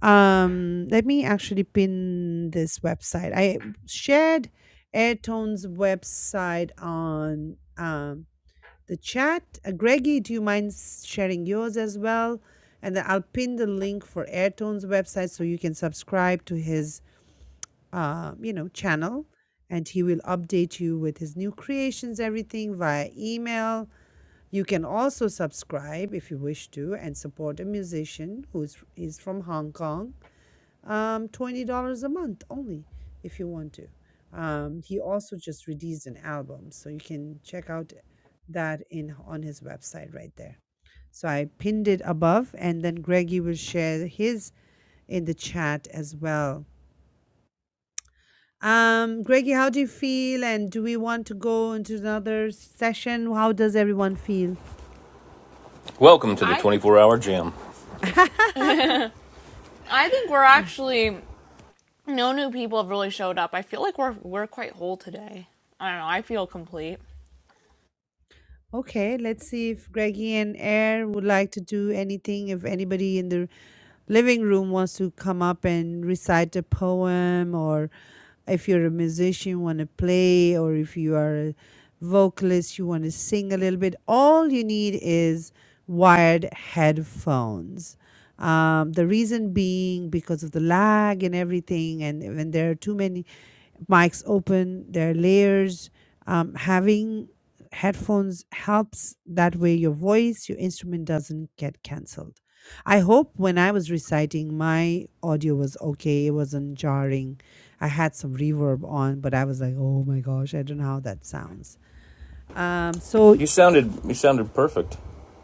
A: um, let me actually pin this website. I shared Airtone's website on um, the chat. Uh, Greggy, do you mind s- sharing yours as well? And then I'll pin the link for Airtone's website so you can subscribe to his uh, you know channel, and he will update you with his new creations, everything via email you can also subscribe if you wish to and support a musician who is, is from Hong Kong. Um, $20 a month only if you want to. Um, he also just released an album, so you can check out that in on his website right there. So I pinned it above, and then Greggy will share his in the chat as well. Um, Greggy, how do you feel? And do we want to go into another session? How does everyone feel?
B: Welcome to the
C: I
B: 24 hour jam.
C: I think we're actually no new people have really showed up. I feel like we're we're quite whole today. I don't know. I feel complete.
A: Okay, let's see if Greggy and Air would like to do anything. If anybody in the living room wants to come up and recite a poem, or if you're a musician, want to play, or if you are a vocalist, you want to sing a little bit, all you need is wired headphones. Um, the reason being because of the lag and everything, and when there are too many mics open, there are layers. Um, having headphones helps that way your voice your instrument doesn't get cancelled i hope when i was reciting my audio was okay it wasn't jarring i had some reverb on but i was like oh my gosh i don't know how that sounds um so
B: You sounded you sounded perfect.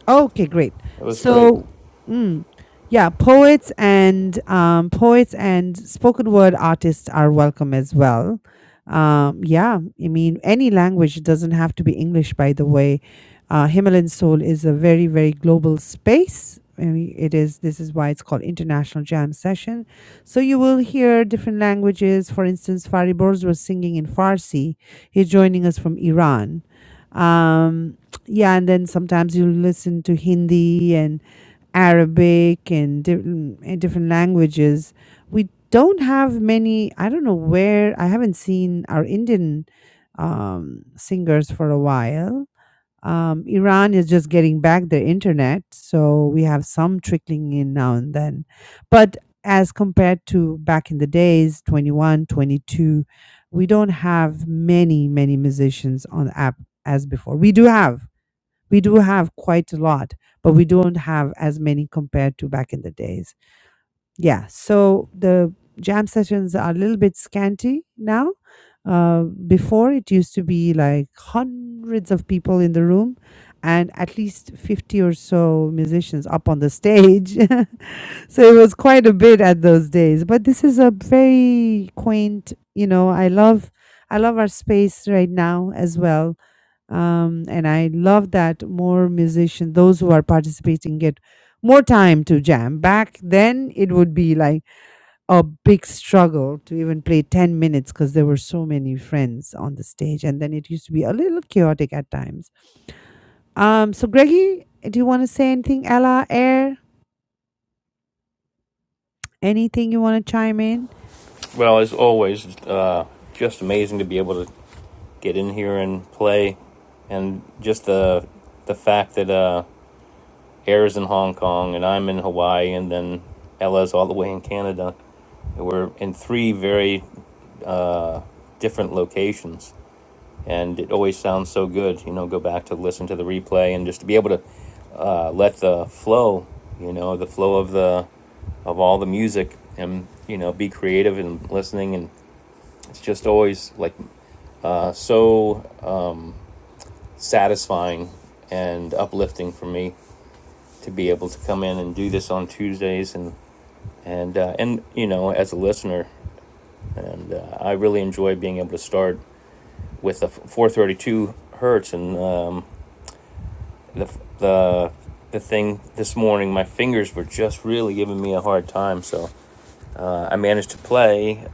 A: Okay, great.
B: That was great.
A: So, mm, yeah, poets and um, poets and spoken word artists are welcome as well. Um, yeah, I mean, any language it doesn't have to be English. By the way, uh, Himalayan Soul is a very, very global space. I mean, it is. This is why it's called International Jam Session. So you will hear different languages. For instance, Fari Borz was singing in Farsi. He's joining us from Iran. Um, yeah and then sometimes you listen to hindi and arabic and di- mm, eh, different languages we don't have many i don't know where i haven't seen our indian um, singers for a while um, iran is just getting back their internet so we have some trickling in now and then but as compared to back in the days 21, 22, we don't have many many musicians on the app as before we do have we do have quite a lot, but we don't have as many compared to back in the days. Yeah, so the jam sessions are a little bit scanty now. Uh, before it used to be like hundreds of people in the room and at least 50 or so musicians up on the stage. so it was quite a bit at those days. But this is a very quaint, you know, I love I love our space right now as well um, and I love that more musicians, those who are participating, get more time to jam. Back then, it would be like a big struggle to even play ten minutes because there were so many friends on the stage, and then it used to be a little chaotic at times. Um, so Greggy, do you want to say anything, Ella, Air, anything you want to chime in?
B: Well, as always, uh, just amazing to be able to get in here and play, and just the the fact that uh, Air's in Hong Kong and I'm in Hawaii, and then Ella's all the way in Canada. We're in three very different locations, and it always sounds so good. You know, go back to listen to the replay, and just to be able to uh, let the flow, you know, the flow of the of all the music, and you know, be creative and listening, and it's just always like so satisfying and uplifting for me to be able to come in and do this on Tuesdays and and uh, and you know as a listener and uh, I really enjoy being able to start with the 432 hertz and um, the the the thing this morning my fingers were just really giving me a hard time so uh, I managed to play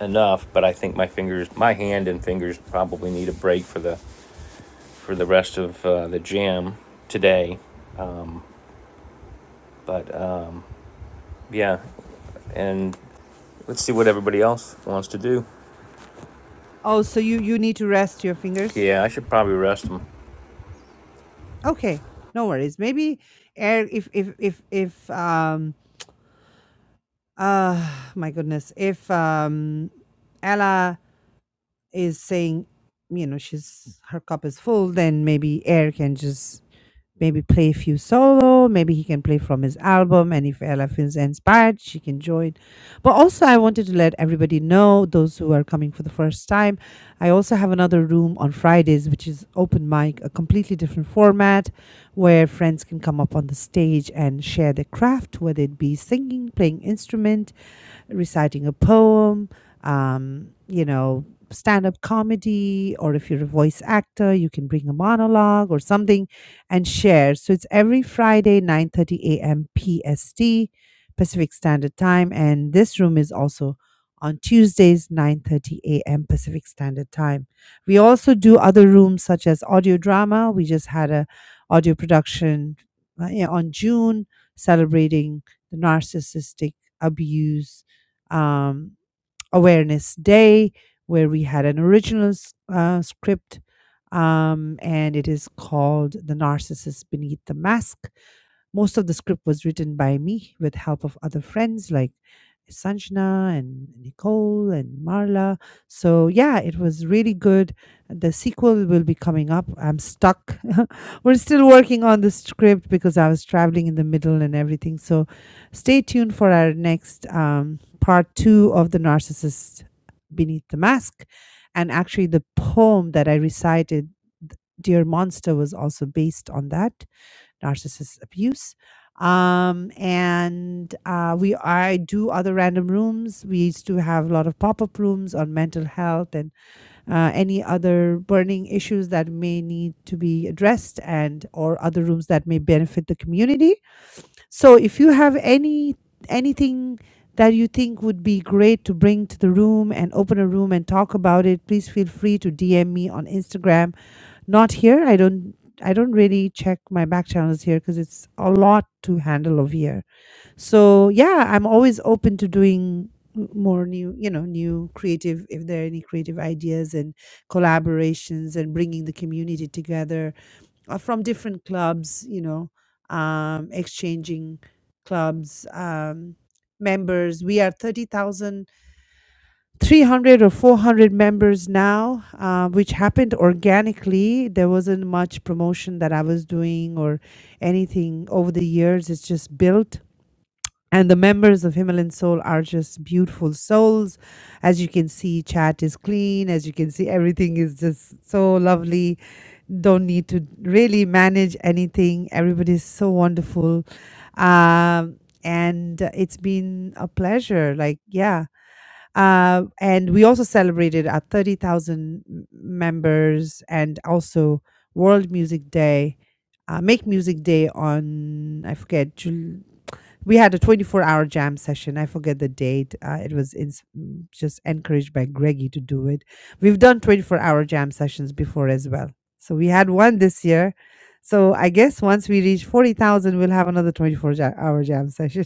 B: enough but I think my fingers my hand and fingers probably need a break for the for the rest of uh, the jam today but Yeah, and let's see what everybody else wants to do.
A: Oh, so you you need to rest your fingers.
B: Yeah, I should probably rest them.
A: Okay, no worries. Maybe Air, if if if if um Ah, my goodness. If um, Ella is saying, you know, she's her cup is full, then maybe Air can just maybe play a few solo. Maybe he can play from his album, and if Ella feels inspired, she can join. But also, I wanted to let everybody know, those who are coming for the first time, I also have another room on Fridays, which is open mic, a completely different format, where friends can come up on the stage and share their craft, whether it be singing, playing instruments reciting a poem, um, you know, stand up comedy, or if you're a voice actor, you can bring a monologue or something and share. So it's every Friday, 9.30 a.m. PST, Pacific Standard Time. And this room is also on Tuesdays, 9.30 a.m. Pacific Standard Time. We also do other rooms such as audio drama. We just had a audio production uh, yeah, on June celebrating the narcissistic abuse um, Awareness Day, where we had an original s- uh, script, um, and it is called The Narcissist Beneath the Mask. Most of the script was written by me with help of other friends like Sanjna and Nicole and Marla. So yeah, it was really good. The sequel will be coming up. I'm stuck. We're still working on the script because I was traveling in the middle and everything. So stay tuned for our next um, part two of The Narcissist Beneath the Mask. And actually, the poem that I recited, Dear Monster, was also based on that narcissist abuse. Um, and uh, we I do other random rooms. We used to have a lot of pop up rooms on mental health and uh, any other burning issues that may need to be addressed and or other rooms that may benefit the community. So if you have any anything that you think would be great to bring to the room and open a room and talk about it, please feel free to DM me on Instagram not here. I don't. I don't really check my back channels here because it's a lot to handle over here. So yeah, I'm always open to doing m- more new, you know, new creative if there are any creative ideas and collaborations and bringing the community together uh, from different clubs, you know, um, exchanging clubs um, members. We are thirty thousand 300 or 400 members now, uh, which happened organically. There wasn't much promotion that I was doing or anything over the years. It's just built. And the members of Himalayan Soul are just beautiful souls. As you can see, chat is clean. As you can see, everything is just so lovely. Don't need to really manage anything. Everybody's so wonderful. Um, and uh, it's been a pleasure. Like, yeah, uh, and we also celebrated our 30,000 m- members and also World Music Day, uh, Make Music Day on, I forget, Jul- we had a 24 hour jam session. I forget the date. Uh, it was ins- mm, just encouraged by Greggy to do it. We've done 24 hour jam sessions before as well. So we had one this year. So I guess once we reach 40,000, we'll have another 24 ja- hour jam session.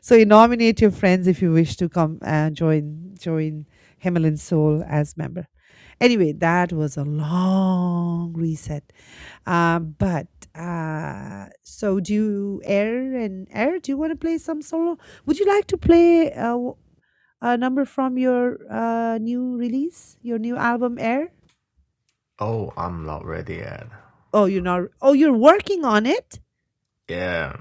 A: So you nominate your friends if you wish to come and join join Himalayan Soul as member. Anyway, that was a long reset. Um, but uh, so do you air and air? Do you want to play some solo? Would you like to play uh, w- a number from your uh, new release, your new album, Air?
G: Oh, I'm not ready yet.
A: Oh, you're not. Oh, you're working on it.
G: Yeah.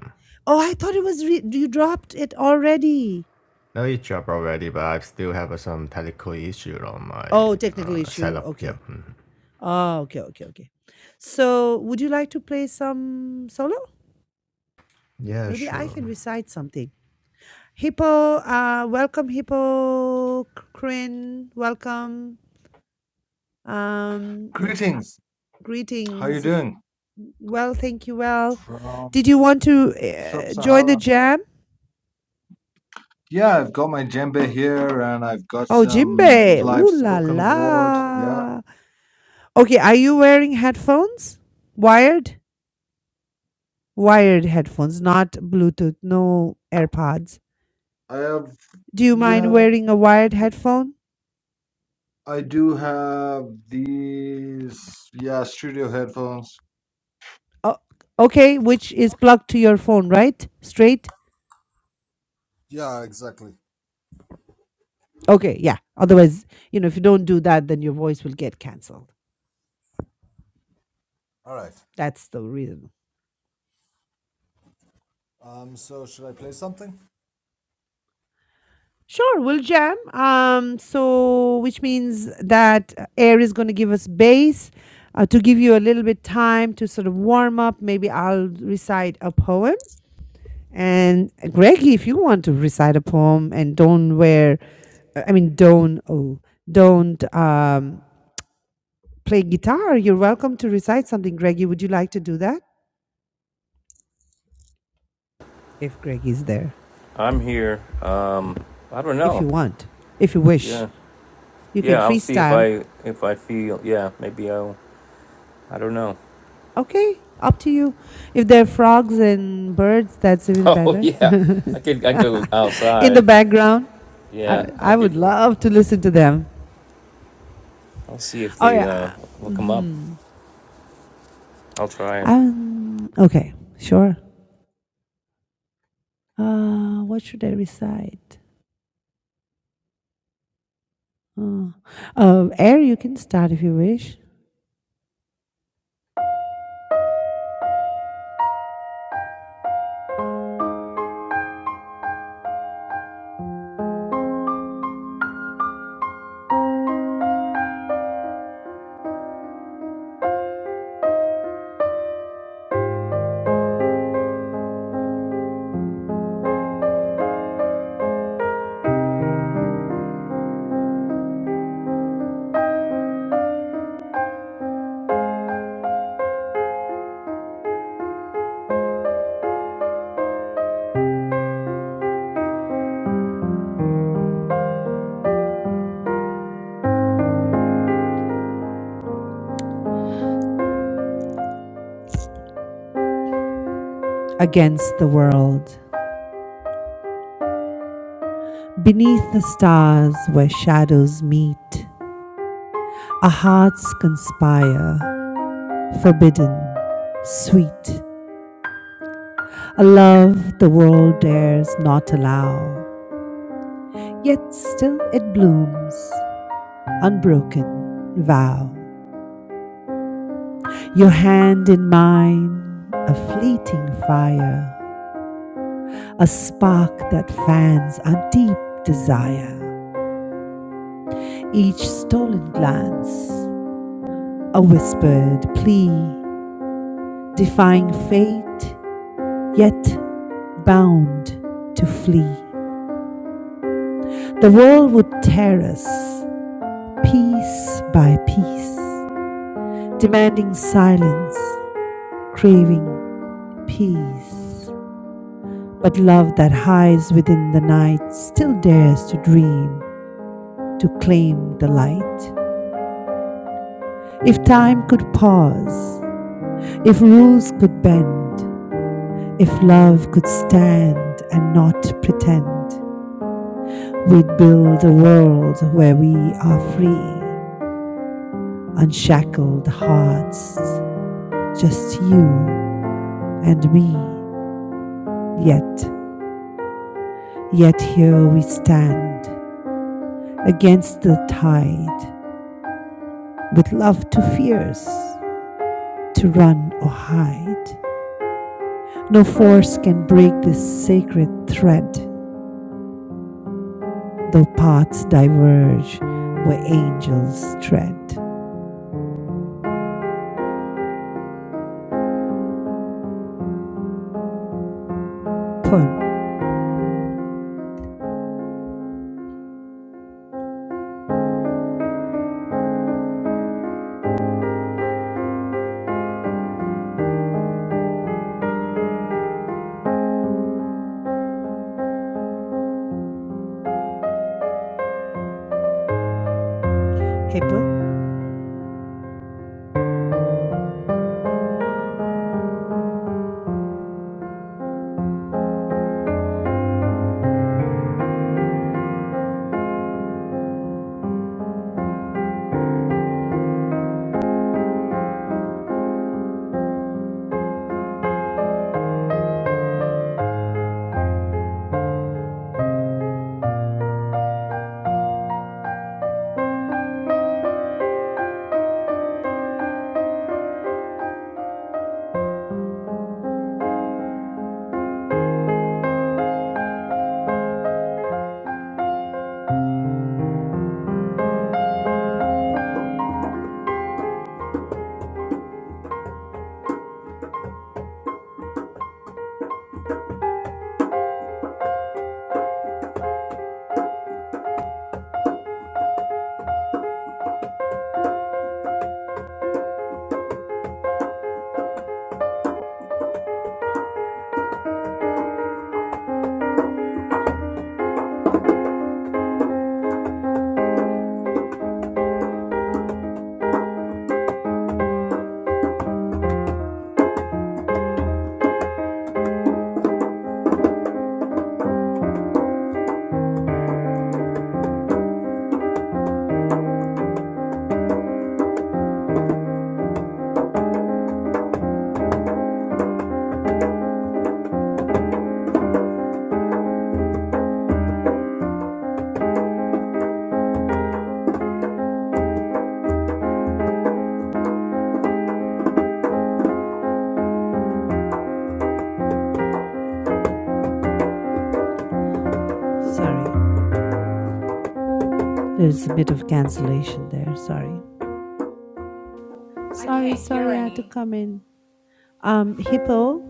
A: Oh, I thought it was. Re- you dropped it already.
G: No, it dropped already, but I still have uh, some technical issue on my
A: Oh, technical
G: uh,
A: issue.
G: setup. Yep.
A: Okay.
G: mhm.
A: Oh, okay, okay, okay. So, would you like to play some solo?
G: Yeah,
A: Maybe I
G: sure.
A: can recite something. Hippo, uh, welcome, Hippo, Kryn. welcome. Um, if,
H: Greetings. How you
A: greetings. If
H: doing?
A: well, thank you. Well,
H: From
A: did you want to uh, join the
H: Sub-Sahara.
A: jam?
H: Yeah, I've got my djembe here and I've got
A: Oh,
H: some
A: Jimbe,
H: live
A: ooh la
H: spoken word. Yeah.
A: la. Okay, are you wearing headphones? Wired, wired headphones, not Bluetooth. No AirPods.
H: I have
A: Do you mind
H: yeah,
A: wearing a wired headphone?
H: I do have these yeah, studio headphones.
A: Oh, okay, which is plugged to your phone, right? Straight?
H: Yeah, exactly.
A: Okay, yeah. Otherwise, you know, if you don't do that, then your voice will get canceled.
H: All right.
A: That's the reason.
H: Um so should I play something?
A: Sure, we'll jam. Um, so which means that uh, air is going to give us bass uh, to give you a little bit time to sort of warm up. Maybe I'll recite a poem. And uh, Greggy, if you want to recite a poem and don't wear, uh, I mean, don't, oh, don't um, play guitar, you're welcome to recite something, Greggy. Would you like to do that? If Greggy's there,
B: I'm here. Uh, I don't
A: if
B: know.
A: you want, if you wish,
B: Yeah,
A: you can
B: yeah. I'll see if
A: freestyle.
B: I if I feel. Yeah, maybe I'll. I don't know.
A: Okay, up to you. If there are frogs and birds, that's even
B: Oh
A: better.
B: yeah, I could. I go
A: In the
B: outside.
A: background, I,
B: Yeah, I
A: I
B: could.
A: would love to listen to them.
B: I'll see if
A: Oh,
B: they uh
A: yeah.
B: look them up.
A: hmm
B: I'll try it.
A: Um, okay, sure. Uh, what should I recite? Uh, uh, air, you can start if you wish. Against the world. Beneath the stars where shadows meet, our hearts conspire, forbidden, sweet, a love the world dares not allow. Yet still it blooms, unbroken vow. Your hand in mine, a fleeting fire, a spark that fans our deep desire. Each stolen glance, a whispered plea, defying fate, yet bound to flee. The world would tear us piece by piece, demanding silence, craving peace. But love that hides within the night still dares to dream, to claim the light. If time could pause, if rules could bend, if love could stand and not pretend, we'd build a world where we are free. unshackled hearts, just you and me. Yet, yet here we stand against the tide, with love too fierce to run or hide. No force can break this sacred thread, though paths diverge where angels tread. Poem. Hippo, sorry. There's a bit of cancellation there. Sorry.
C: I
A: Sorry,
C: can't hear
A: sorry, I had to
C: any.
A: come in. Um, Hippo,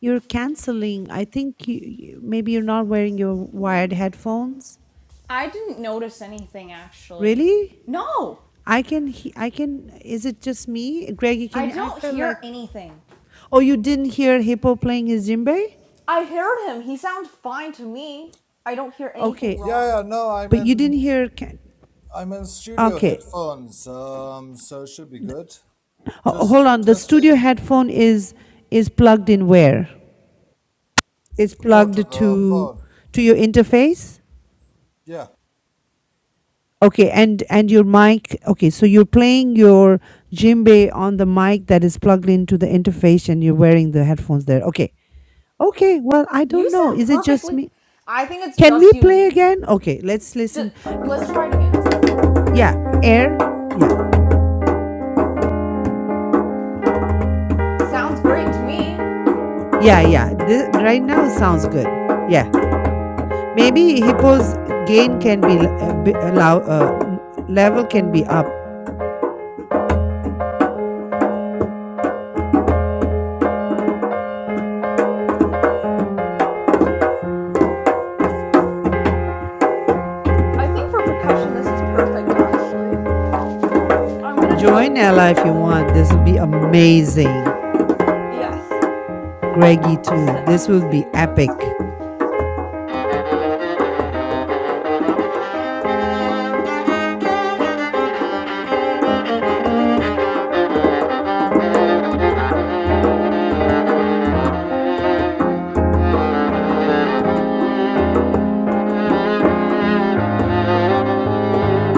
A: You're canceling. I think you, you maybe you're not wearing your wired headphones.
C: I didn't notice anything actually.
A: Really?
C: No,
A: I can he- I can is it just me? Greggy, can
C: I
A: you I
C: don't
A: felt
C: hear
A: like
C: anything.
A: Oh, you didn't hear Hippo playing his djembe?
C: I heard him. He sounds fine to me. I don't hear
A: Okay.
C: anything wrong.
H: Yeah, yeah, no, I'm
A: But you
H: in
A: didn't hear can-
H: I'm in studio
A: Okay.
H: headphones. Um so it should be good.
A: Ho-
H: Just
A: hold on. The studio
H: testing.
A: headphone is is plugged in where? It's
H: Report to
A: plugged to
H: the phone.
A: to your interface?
H: Yeah.
A: Okay, and and your mic. Okay, so you're playing your djembe on the mic that is plugged into the interface, and you're wearing the headphones there. Okay, okay. Well, I
C: You
A: don't know.
C: sound
A: Is it just
C: perfectly.
A: me?
C: I think it's
A: Can
C: just
A: we
C: you. You
A: play again? Okay, let's
C: just
A: listen.
C: let's try it again.
A: Yeah, air. Yeah,
C: Sounds great to me.
A: yeah, yeah. This, right now sounds good. Yeah, maybe hippo's gain can be l- a bit- allow uh, m- level can be up.
C: I think for percussion, this is perfect. Actually, I'm gonna
A: Join
C: join in a
A: Ella if
C: little
A: you
C: bit.
A: want. This will be amazing.
C: Yes.
A: Greggy
C: Just
A: too.
C: sit. I'm
A: This will
C: just
A: be
C: kidding. I'm just. kid-
A: epic.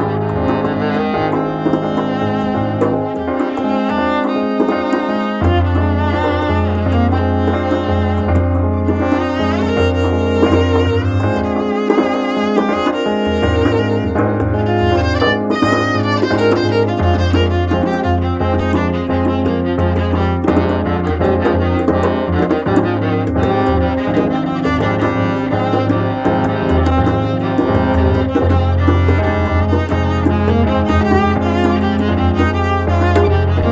C: Thank you. Thank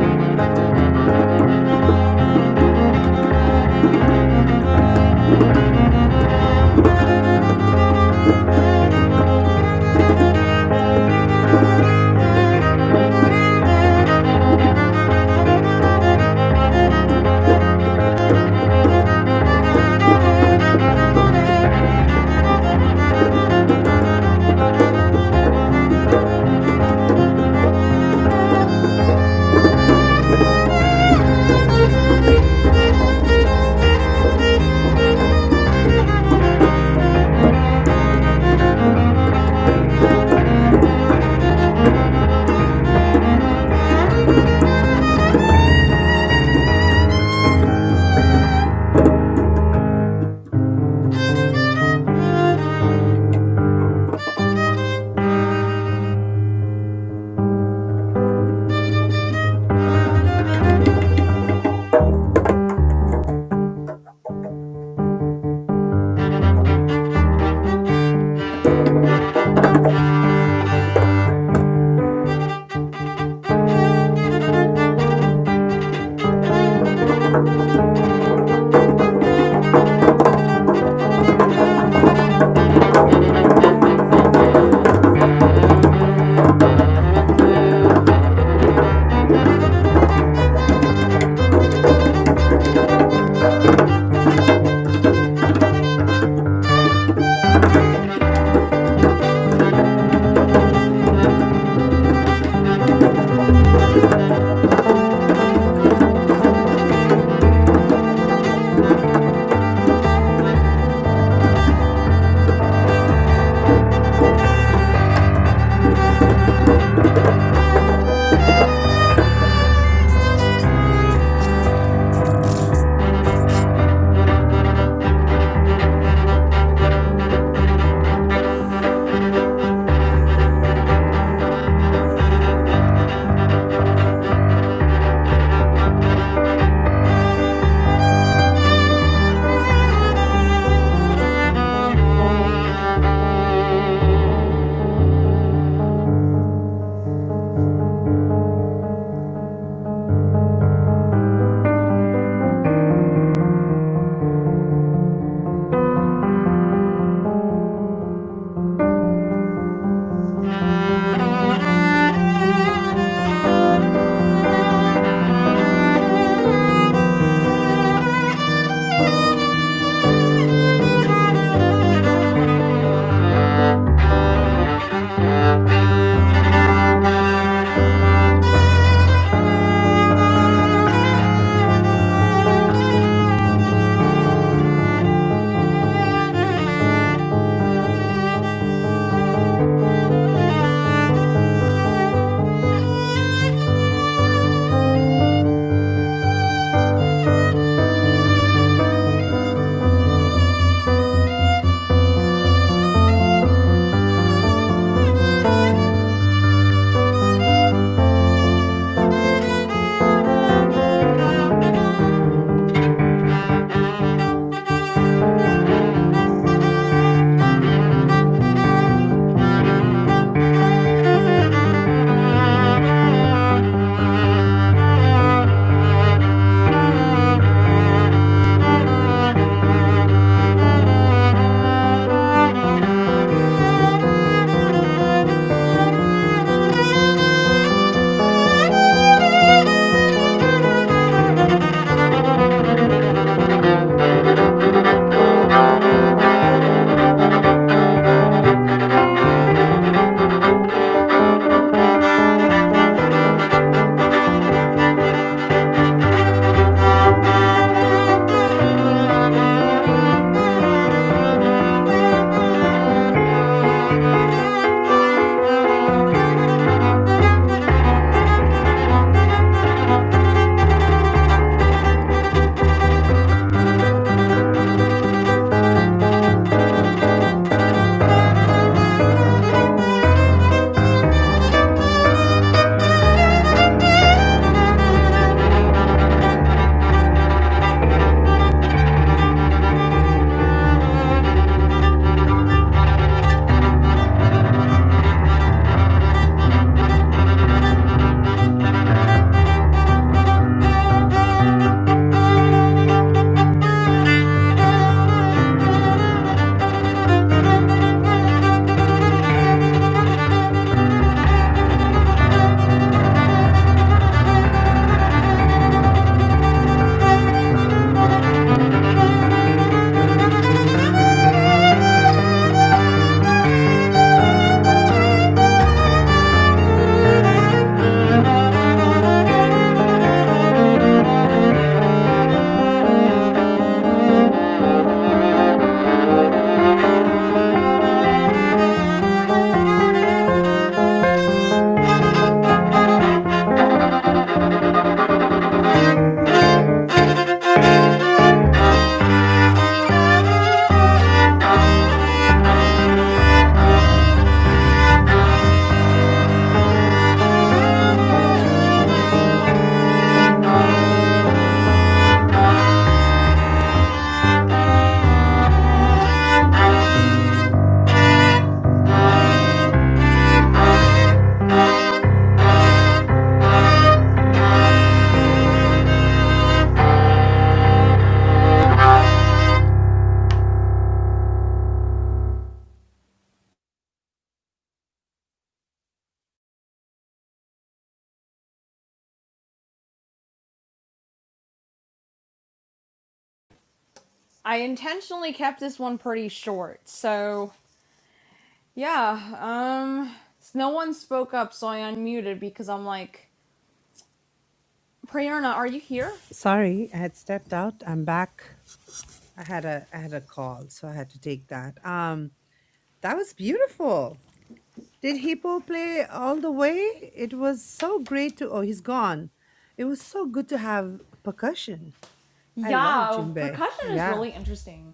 C: you. Thank you. Thank you. Thank you. Thank you. Thank you. Thank you. Thank you. I intentionally kept this one pretty short, so yeah. Um, no one spoke up, so I unmuted because I'm like, Priyarna, are you here?
A: Sorry, I had stepped out. I'm back. I had a I had a call, so I had to take that. Um that was beautiful. Did Hippo play all the way? It was so great to. Oh, he's gone. It was so good to have percussion. I love
C: Yeah,
A: djembe.
C: percussion is
A: Yeah.
C: really interesting.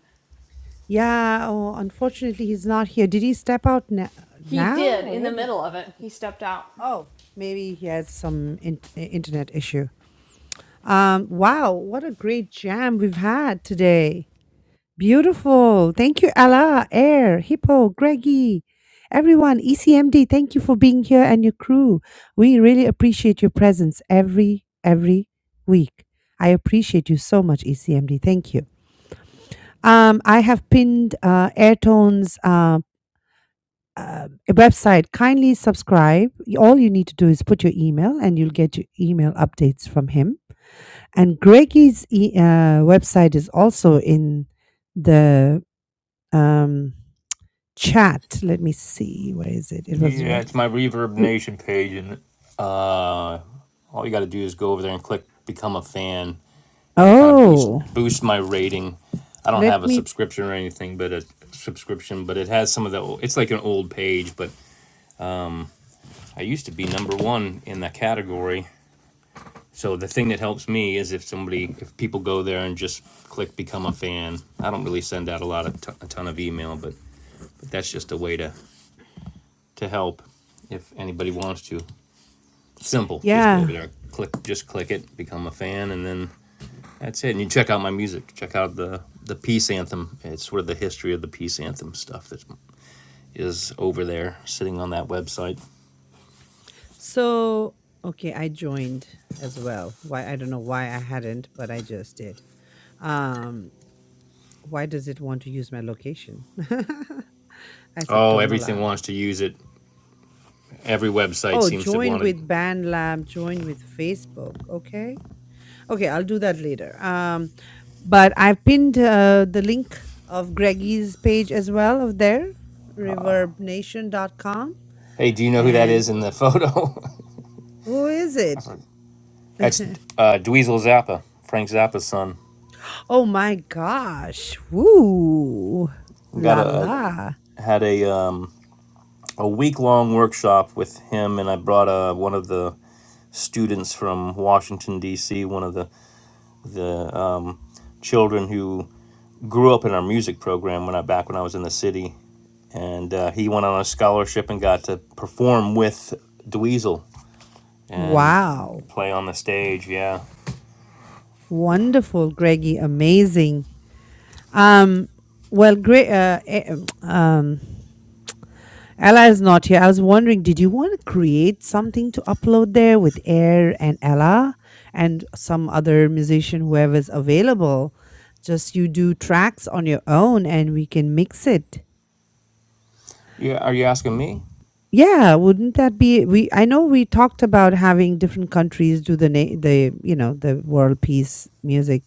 A: Yeah. Oh, unfortunately, he's not here. Did he step out na-
C: He
A: now
C: did
A: or
C: in the
A: when did?
C: middle of it. He stepped out.
A: Oh, maybe he has some in- internet issue. Um, wow. What a great jam we've had today. Beautiful. Thank you, Ella, Air, Hippo, Greggy, everyone, ECMD. Thank you for being here and your crew. We really appreciate your presence every every week. I appreciate you so much, ECMD. Thank you. Um, I have pinned uh, Airtone's uh, uh, website. Kindly subscribe. All you need to do is put your email, and you'll get your email updates from him. And Greggy's e- uh, website is also in the um, chat. Let me see. Where is it? It was
B: Yeah,
A: right.
B: it's my Reverb
A: r-
B: Nation page, and uh, all you got to do is go over there and click become a fan, and it kind of boost
A: Oh,
B: boost my rating. I don't have
A: let
B: a
A: me.
B: subscription or anything, but a subscription, but it has some of the. It's like an old page, but I used to be number one in that category. So the thing that helps me is if somebody, if people go there and just click become a fan. I don't really send out a lot of t- a ton of email, but, but that's just a way to to help if anybody wants to. Simple, just go over
A: Yeah.
B: there, click, just click it, become a fan, and then That's it. And you check out my music. Check out the the peace anthem. It's sort of the history of the peace anthem stuff that is over there, sitting on that website.
A: So, okay, I joined as well. Why? I don't know why I hadn't, but I just did. Um, why does it want to use my location? I said,
B: Oh,
A: don't
B: everything
A: allow.
B: wants to use it. Every website
A: Oh,
B: seems to
A: join
B: want to.
A: with BandLab, join with Facebook. Okay. Okay, I'll do that later. Um, but I've pinned uh, the link of Greggy's page as well of there, reverbnation.com.
B: Hey, do you know who that
A: And
B: is in the photo?
A: who is it?
B: That's uh, Dweezil Zappa, Frank Zappa's son.
A: oh my gosh. Woo.
B: Got
A: La
B: a
A: la.
B: a had a um, a week long workshop with him, and I brought uh, one of the students from Washington D.C. One of the the uh, children who grew up in our music program when I back when I was in the city, and uh, he went on a scholarship and got to perform with Dweezil and
A: Wow.
B: play on the stage. Yeah,
A: Wonderful, Greggy. Amazing. Um, well, great. Uh, eh, um, Ella is not here. I was wondering, did you want to create something to upload there with Air and Ella and some other musician, whoever's available? Just you do tracks on your own and we can mix it.
B: yeah. Are you asking me?
A: Yeah, wouldn't that be we I know we talked about having different countries do the na- the you know the world peace music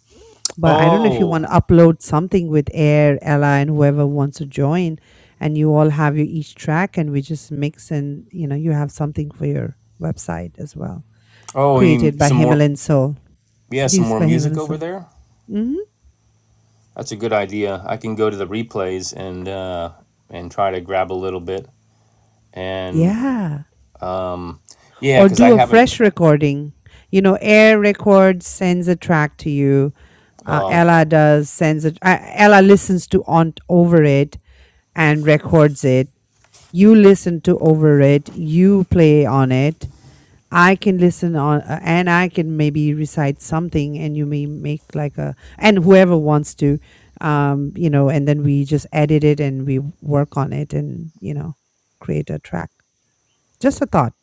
A: But I don't know if you
B: Oh,
A: want to upload something with Air, Ella, and whoever wants to join, and you all have your each track, and we just mix, and you know, you have something for your website as well.
B: oh, you
A: Created
B: mean
A: by
B: some more?
A: Himalayan Soul,
B: Yeah, some
A: produced
B: more
A: by
B: music
A: Himalayan
B: over
A: Soul.
B: there.
A: hmm
B: That's a good idea. I can go to the replays and uh, and try to grab a little bit. And
A: Yeah,
B: yeah,
A: or
B: because I
A: do a
B: haven't.
A: fresh recording. You know, Air records sends a track to you. Uh,
B: Oh,
A: Ella does sends it. Uh, Ella listens to on over it and records it. You listen to over it. You play on it I can listen on uh, and I can maybe recite something and you may make like a and whoever wants to um you know and then we just edit it and we work on it and you know create a track just a thought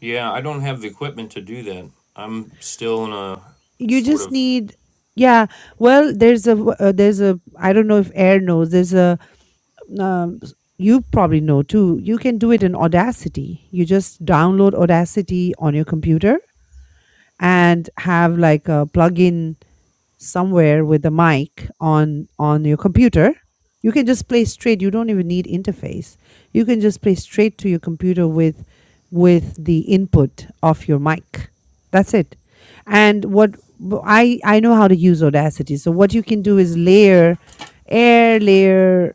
B: yeah. I don't have the equipment to do that. I'm still in a
A: you
B: sort
A: just
B: of.
A: need yeah well there's a w- uh, there's a I don't know if air knows there's a um, s- you probably know too you can do it in Audacity you just download Audacity on your computer and have like a plugin somewhere with a mic on on your computer you can just play straight you don't even need interface you can just play straight to your computer with with the input of your mic that's it and what w- i i know how to use audacity so what you can do is layer air layer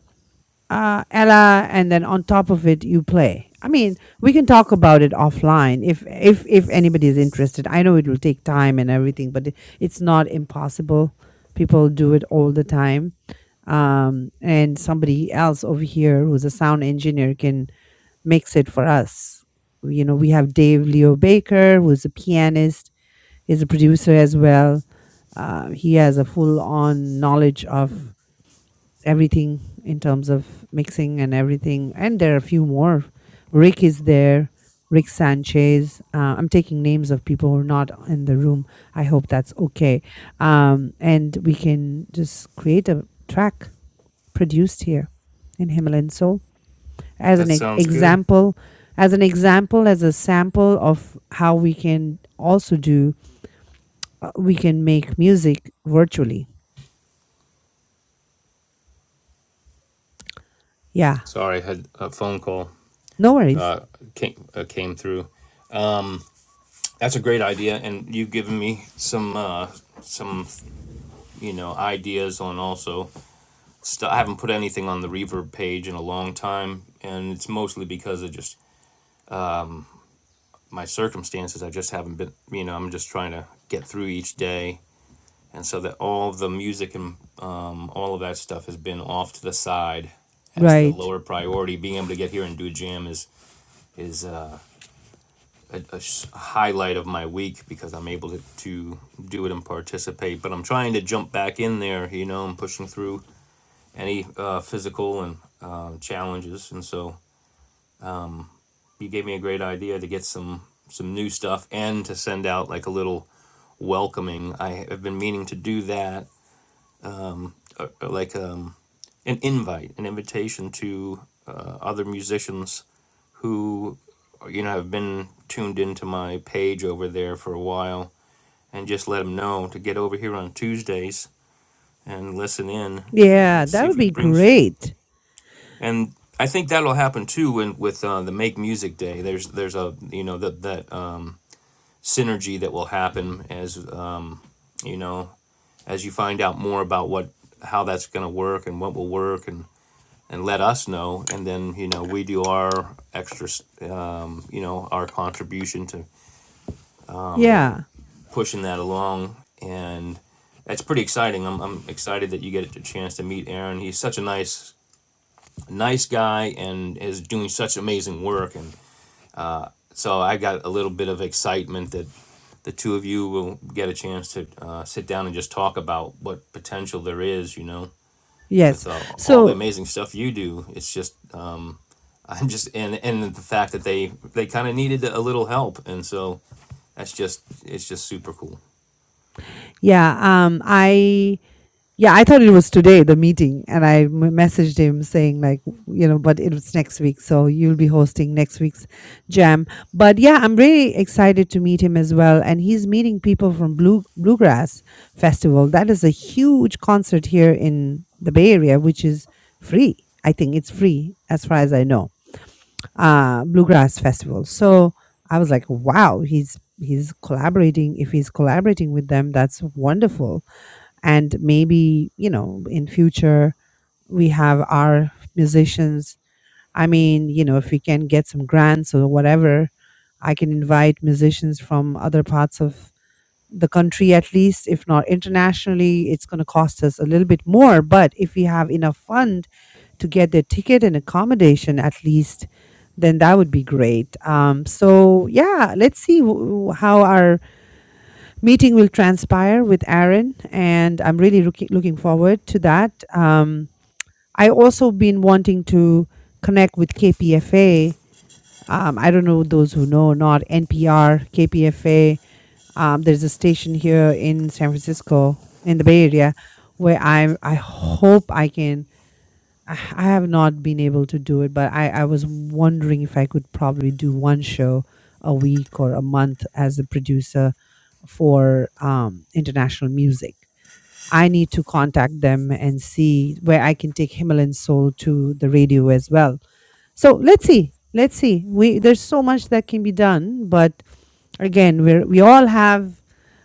A: uh, Ella, and then on top of it, you play. I mean, we can talk about it offline if if if anybody is interested. I know it will take time and everything, but it, it's not impossible. People do it all the time, um, and somebody else over here who's a sound engineer can mix it for us. You know, we have Dave Leo Baker, who's a pianist. He's a producer as well. Uh, he has a full on knowledge of everything in terms of mixing and everything. And there are a few more. Rick is there. Rick Sanchez. Uh, I'm taking names of people who are not in the room. I hope that's okay. Um, and we can just create a track produced here in Himalayan Soul as
B: That
A: an e-
B: sounds good.
A: example, as an example, as a sample of how we can also do, uh, we can make music virtually. Yeah,
B: Sorry, I had a phone call
A: no worries.
B: uh, came uh, came through. That's a great idea, and you've given me some uh, some you know ideas on also. St- I haven't put anything on the reverb page in a long time, and it's mostly because of just my circumstances. I just haven't been you know I'm just trying to get through each day, and so that all of the music and um, all of that stuff has been off to the side as the
A: Right.
B: lower priority. Being able to get here and do a jam is is. Uh, A a highlight of my week because I'm able to, to do it and participate. But I'm trying to jump back in there, you know, and pushing through any uh, physical and um, challenges. And so you gave me a great idea to get some some new stuff and to send out like a little welcoming. I have been meaning to do that, uh, uh, like um, an invite, an invitation to uh, other musicians who you know have been tuned into my page over there for a while and just let them know to get over here on Tuesdays and listen in
A: Yeah,
B: and see
A: that
B: if
A: would
B: we can
A: be
B: bring. s-
A: great.
B: And I think that'll happen too when with uh, the Make Music Day. There's there's a you know that that um, synergy that will happen as uh, you know as you find out more about what how that's going to work and what will work and and let us know and then you know we do our extra s- um, you know our contribution to.
A: Yeah.
B: pushing that along, and that's pretty exciting. I'm, I'm excited that you get a chance to meet Aaron. He's such a nice nice guy and is doing such amazing work, and so I got a little bit of excitement that the two of you will get a chance to uh, sit down and just talk about what potential there is. You know.
A: Yes.
B: With uh, all the
A: So,
B: amazing stuff you do, it's just uh, I'm just and and the fact that they they kind of needed a little help, and so that's just it's just super cool.
A: yeah, um I yeah, I thought it was today the meeting and I m- messaged him saying like, you know, but it was next week, so you'll be hosting next week's jam. But yeah, I'm really excited to meet him as well and he's meeting people from Blue Bluegrass Festival. That is a huge concert here in the Bay Area which is free. I think it's free as far as I know uh, bluegrass festival. So I was like, wow, he's he's collaborating. If he's collaborating with them, that's wonderful. And maybe you know, in future we have our musicians. I mean, you know, if we can get some grants or whatever, I can invite musicians from other parts of the country at least if not internationally it's going to cost us a little bit more but if we have enough funds to get their ticket and accommodation at least, then that would be great. Um, so yeah, let's see w- how our meeting will transpire with Aaron, and I'm really looking looking forward to that. Um, I also been wanting to connect with KPFA. Um, I don't know those who know or not NPR, KPFA. Um, there's a station here in San Francisco in the Bay Area where I I hope I can I I have not been able to do it, but I, I was wondering if I could probably do one show a week or a month as a producer for um, international music. I need to contact them and see where I can take Himalayan Soul to the radio as well. So let's see. Let's see. We there's so much that can be done, but again we're we all have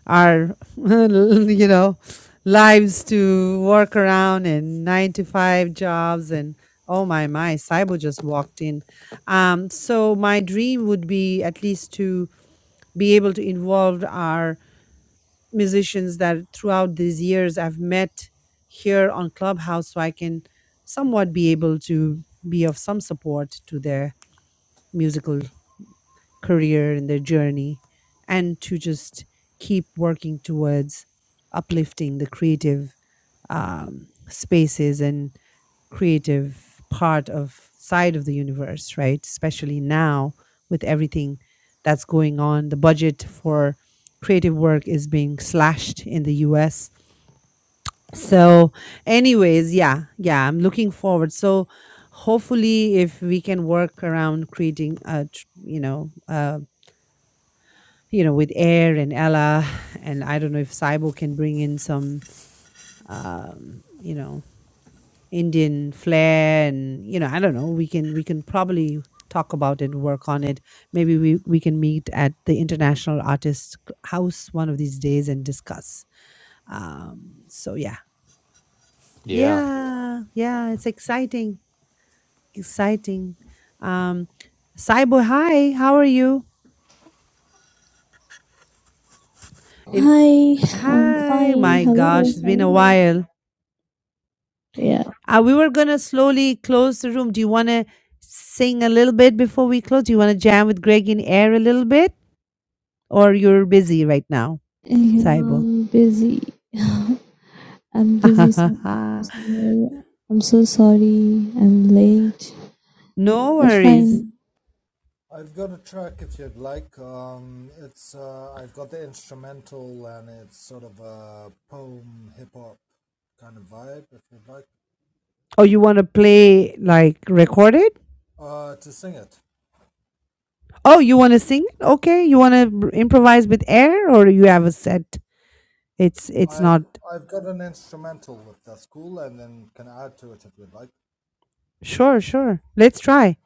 A: our you know lives to work around and nine to five jobs and oh my my cyber just walked in um so my dream would be at least to be able to involve our musicians that throughout these years i've met here on clubhouse so i can somewhat be able to be of some support to their musical career and their journey and to just keep working towards uplifting the creative um, spaces and creative part of side of the universe right especially now with everything that's going on the budget for creative work is being slashed in the US so anyways yeah yeah i'm looking forward so hopefully if we can work around creating a tr- you know a you know, with Air and Ella, and I don't know if Saibo can bring in some, um, you know, Indian flair, and you know, I don't know. We can we can probably talk about it, work on it. Maybe we we can meet at the International Artist C- House one of these days and discuss. Um, so yeah,
B: Yeah.
A: yeah, yeah, it's exciting, exciting. Um, Saibo, hi, how are you? If
I: Hi, I'm
A: hi,
I: fine.
A: my
I: Hello,
A: gosh, it's been a
I: hello.
A: while.
I: Yeah,
A: Uh, we were going to slowly close the room. Do you want to sing a little bit before we close? Do you want to jam with Greg in air a little bit? Or you're busy right now, Saibo?
I: I'm busy. I'm busy some- somewhere. I'm so sorry. I'm late.
A: no
I: That's
A: worries.
I: fine.
H: I've got a track if you'd like. Um, it's uh, I've got the instrumental and it's sort of a poem hip hop kind of vibe if you'd like.
A: Oh, you want to play like recorded?
H: Uh, to sing it.
A: Oh, you want to sing? Okay. You want to improvise with air or you have a set? It's it's
H: I've
A: not
H: I've got an instrumental if that's cool, and then can add to it if you'd like.
A: sure, sure. Let's try.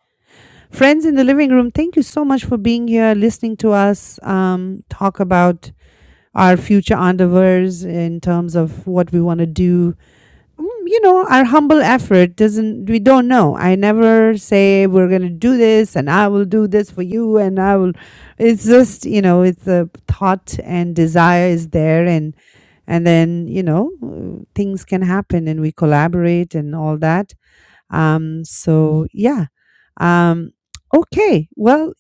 A: Friends in the living room, thank you so much for being here, listening to us um, talk about our future endeavors in terms of what we want to do. Mm, You know, our humble effort doesn't, we don't know. I never say we're going to do this and I will do this for you and I will. It's just, you know, it's a thought and desire is there and and then you know uh, things can happen and we collaborate and all that um so yeah um okay well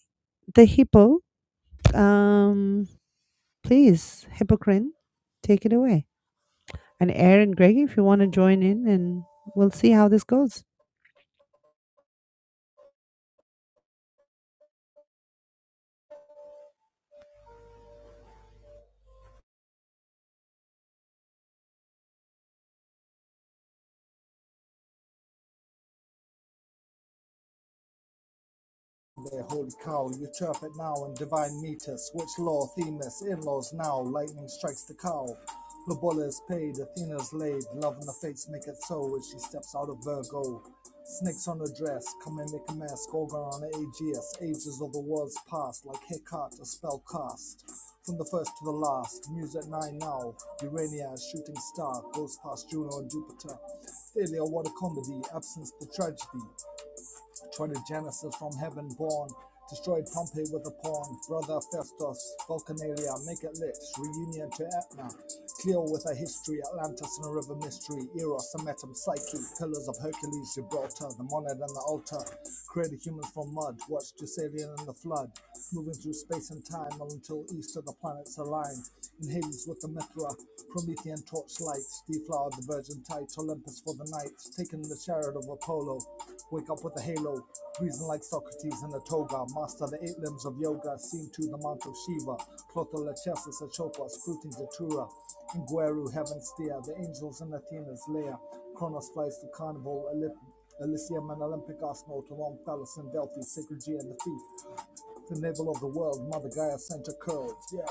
A: the hippo um please hippocrene take it away and Aaron, Greg, if you want to join in, and we'll see how this goes.
H: Their holy cow, you chirp it now in divine meters. Which law, Themis, in laws now, lightning strikes the cow. The bull is paid, Athena's laid, love and the fates make it so as she steps out of Virgo. Snakes on her dress, come and make a mess, Gorgon on her Aegeus, ages of the world's past, like Hecate, a spell cast. From the first to the last, Muse at nine now, Urania, a shooting star, goes past Juno and Jupiter. Failure, what a comedy, absence, the tragedy. Genesis from heaven born. Destroyed Pompeii with a pawn. Brother Festus, Vulcanalia, make it lit. Reunion to Etna. Cleo with a history, Atlantis and a river mystery. Eros, a Metam Psyche, Pillars of Hercules, Gibraltar, the monad and the altar. Created humans from mud, watched Deucalion and the flood. Moving through space and time until east of the planets aligned. In Hades with the Mithra, Promethean torchlights, deflowered the virgin tight, Olympus for the night, taken the chariot of Apollo. Wake up with a halo, reason like Socrates in a toga. Master the eight limbs of yoga, seen to the mount of Shiva. Clotho Lachesa Sachopa, Scrutin Datura. Ingueru, heaven steer, the angels in Athena's lair. Kronos flies to carnival, Elysium and Olympic Arsenal to Rome, Palace and Delphi, Sacred G and the Thief, the navel of the world, Mother Gaia sent her curls. Yeah.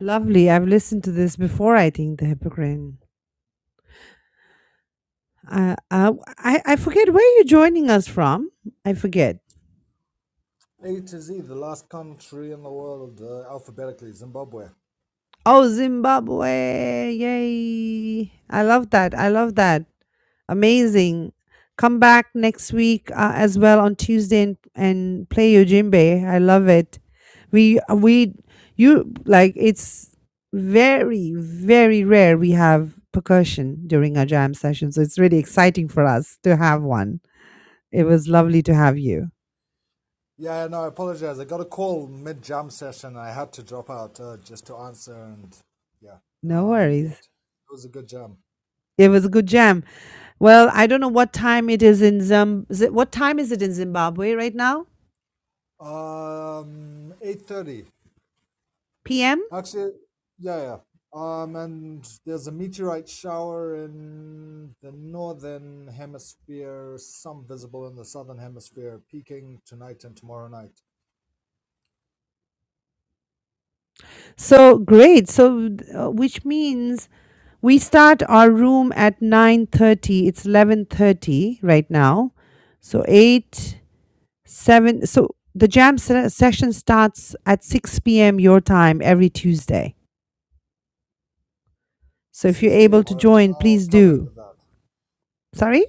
A: Lovely. I've listened to this before. I think the Hippocrene. Uh, uh, I I forget where you're joining us from. I forget.
H: A to Z, the last country in the world, uh, alphabetically, Zimbabwe.
A: Oh, Zimbabwe! Yay! I love that. I love that. Amazing. Come back next week uh, as well on Tuesday and, and play your djembe. I love it. we we you like it's very very rare we have percussion during our jam session so it's really exciting for us to have one it was lovely to have you
H: Yeah, no, I apologize. I got a call mid jump session. I had to drop out uh, just to answer, and yeah,
A: no
H: um, yet
A: worries
H: it was a good jump.
A: it was a good jam well i don't know what time it is in Zim- Zi- what time is it in zimbabwe right now
H: Um, eight thirty,
A: pm
H: actually. Yeah, yeah. Um, and there's a meteorite shower in the northern hemisphere, some visible in the southern hemisphere, peaking tonight and tomorrow night,
A: so great so uh, which means we start our room at 9.30 it's 11.30 right now so 8 seven. So the jam se- session starts at 6 p.m. your time every Tuesday. So if you're
H: six
A: able
H: p.m.
A: to
H: All right,
A: join,
H: I'll
A: please
H: calendar
A: do.
H: that.
A: Sorry?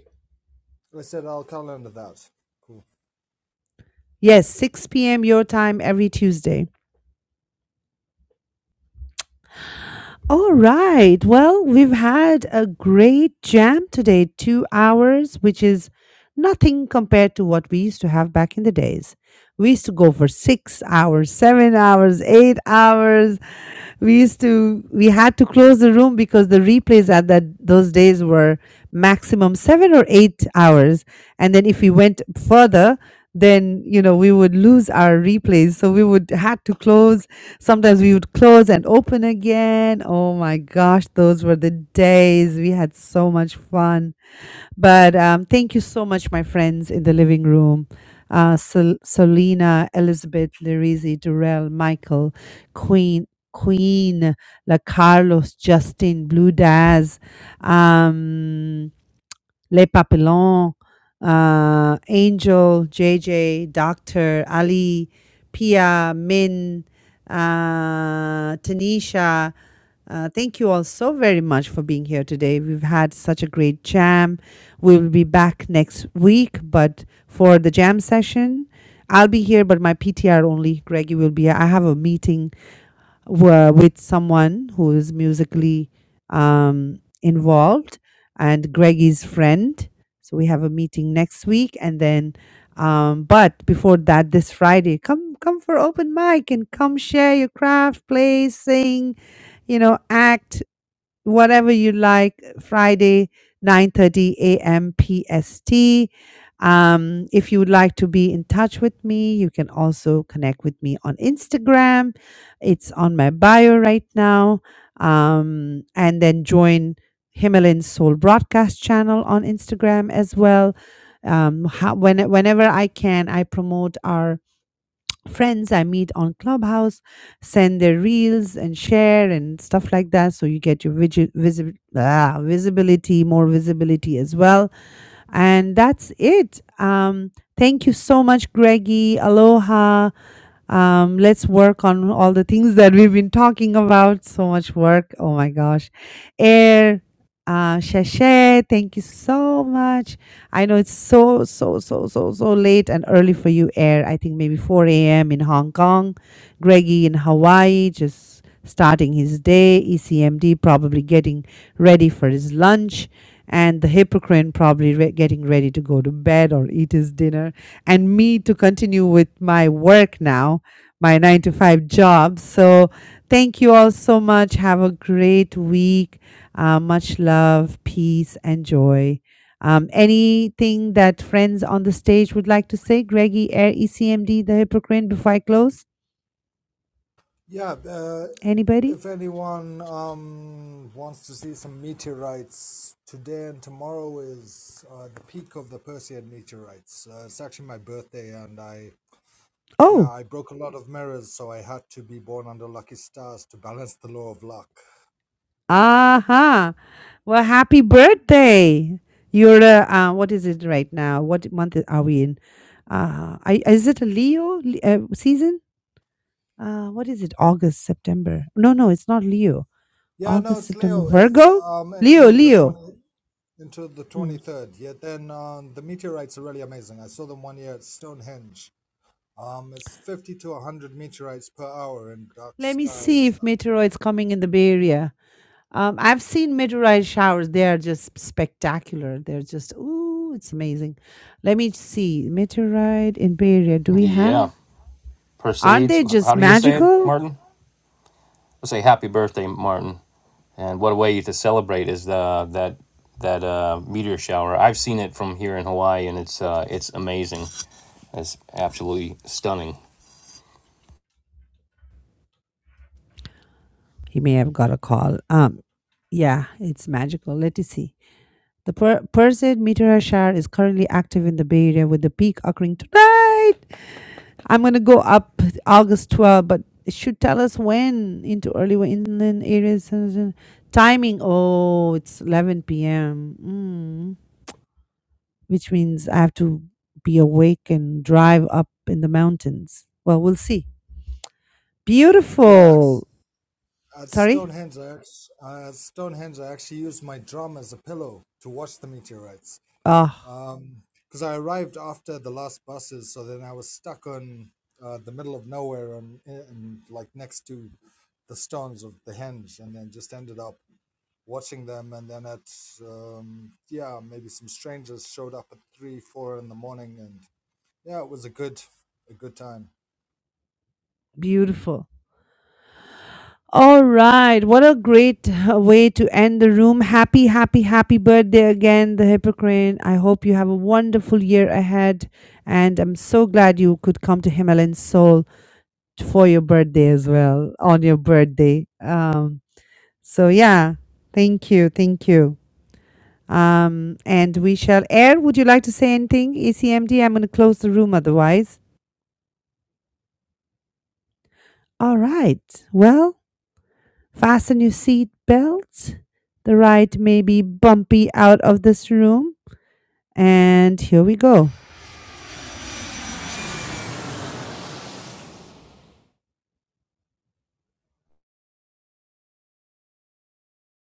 H: I said I'll calendar that. Cool.
A: Yes, 6 p.m. your time every Tuesday. All right. Well, we've had a great jam today, two hours, which is nothing compared to what we used to have back in the days. We used to go for six hours, seven hours, eight hours. We used to, we had to close the room because the replays at that those days were maximum seven or eight hours. And then if we went further, then, you know, we would lose our replays. So we would had to close Sometimes we would close and open again. Oh my gosh, those were the days. We had so much fun. But um, thank you so much, my friends in the living room. Uh, Sol- Solina, Elizabeth, Larizi, Durrell, Michael, Queen, Queen, La Carlos, Justin, Blue Daz. Um, Le Papillon, uh, Angel, JJ, Doctor, Ali, Pia, Min, uh, Tanisha. Uh, thank you all so very much for being here today. We've had such a great jam. We will be back next week, but for the jam session, I'll be here, but my PTR only. Greggy will be here. I have a meeting were with someone who is musically um, involved and Greg is friend. So we have a meeting next week and then um, but before that this Friday come come for open mic and come share your craft, play, sing, you know, act whatever you like friday 9.30 a.m pst um, if you would like to be in touch with me you can also connect with me on instagram it's on my bio right now um, and then join himalayan soul broadcast channel on instagram as well um, how, when, whenever i can i promote our friends I meet on Clubhouse send their reels and share and stuff like that. So you get your visi- visi- ah, visibility, more visibility as well. And that's it. Um, thank you so much, Greggy. Aloha. Um, let's work on all the things that we've been talking about. So much work. Oh my gosh. Air, uh, Shashay, thank you so much. I know it's so, so, so, so, so late and early for you, Air. I think maybe 4 a.m. in Hong Kong, Greggy in Hawaii, just starting his day, ECMD probably getting ready for his lunch, and the Hippocrene probably re- getting ready to go to bed or eat his dinner, and me to continue with my work now, my nine to five job. So thank you all so much. Have a great week. Uh, much love, peace, and joy. Um, anything that friends on the stage would like to say? Greggy, Air, ECMD, the Hippocrene, before I close?
H: Yeah, uh,
A: Anybody?
H: if anyone um, wants to see some meteorites, today and tomorrow is uh, the peak of the Perseid meteorites. Uh, it's actually my birthday, and I yeah
A: Oh,
H: I broke a lot of mirrors, so I had to be born under lucky stars to balance the law of luck.
A: aha. Well, happy birthday. You're, a, uh, what is it right now? What month i- are we in? Uh, I, is it a Leo Le- uh, season? Uh, what is it? August, September. No, no, it's not Leo.
H: Yeah, no,
A: August,
H: it's
A: September.
H: Leo. It's
A: Virgo?
H: um
A: Leo,
H: until the
A: Leo.
H: twenty until the
A: Hmm.
H: twenty third. Yeah, then um, the meteorites are really amazing. I saw them one year at Stonehenge. Um, it's 50 to 100 meteorites per hour in dark
A: Let me see
H: skies
A: if meteoroids coming in the Bay Area. Um, I've seen meteorite showers. They are just spectacular. They're just, ooh, it's amazing. Let me see. Meteorite in Bay Area. Do we
B: Yeah.
A: have? Aren't
B: proceeds.
A: they just
B: How do you say it,
A: magical?
B: Martin? We'll say happy birthday, Martin. And what a way to celebrate is the that that uh, meteor shower. I've seen it from here in Hawaii, and it's uh, it's amazing. It's absolutely stunning.
A: He may have got a call. Um, yeah, it's magical. Let us see. The per- Perseid meteorite shower is currently active in the Bay Area with the peak occurring tonight. I'm going to go up August 12, but it should tell us when into early wa- inland areas. uh, Timing, oh, it's 11 p.m., mm, which means I have to be awake and drive up in the mountains. Well, we'll see.
H: Yeah, ac-
A: Beautiful.
H: at
A: Sorry?
H: Stonehenge, I act- uh, at Stonehenge, I actually used my drum as a pillow to watch the meteorites.
A: Oh,
H: Um, Because I arrived after the last buses, so then I was stuck on uh, the middle of nowhere and, and like next to the stones of the henge, and then just ended up watching them. And then at um, yeah, maybe some strangers showed up at three, four in the morning, and yeah, it was a good a good time.
A: beautiful. All right. What a great uh, way to end the room. Happy, happy, happy birthday again, the Hippocrane. I hope you have a wonderful year ahead. And I'm so glad you could come to Himalayan Soul for your birthday as well, on your birthday. Um, so, yeah, thank you. Thank you. Um, and we shall air. Would you like to say anything, ECMD? I'm going to close the room otherwise. All right. Well, Fasten your seat belts. The ride may be bumpy out of this room. And here we go.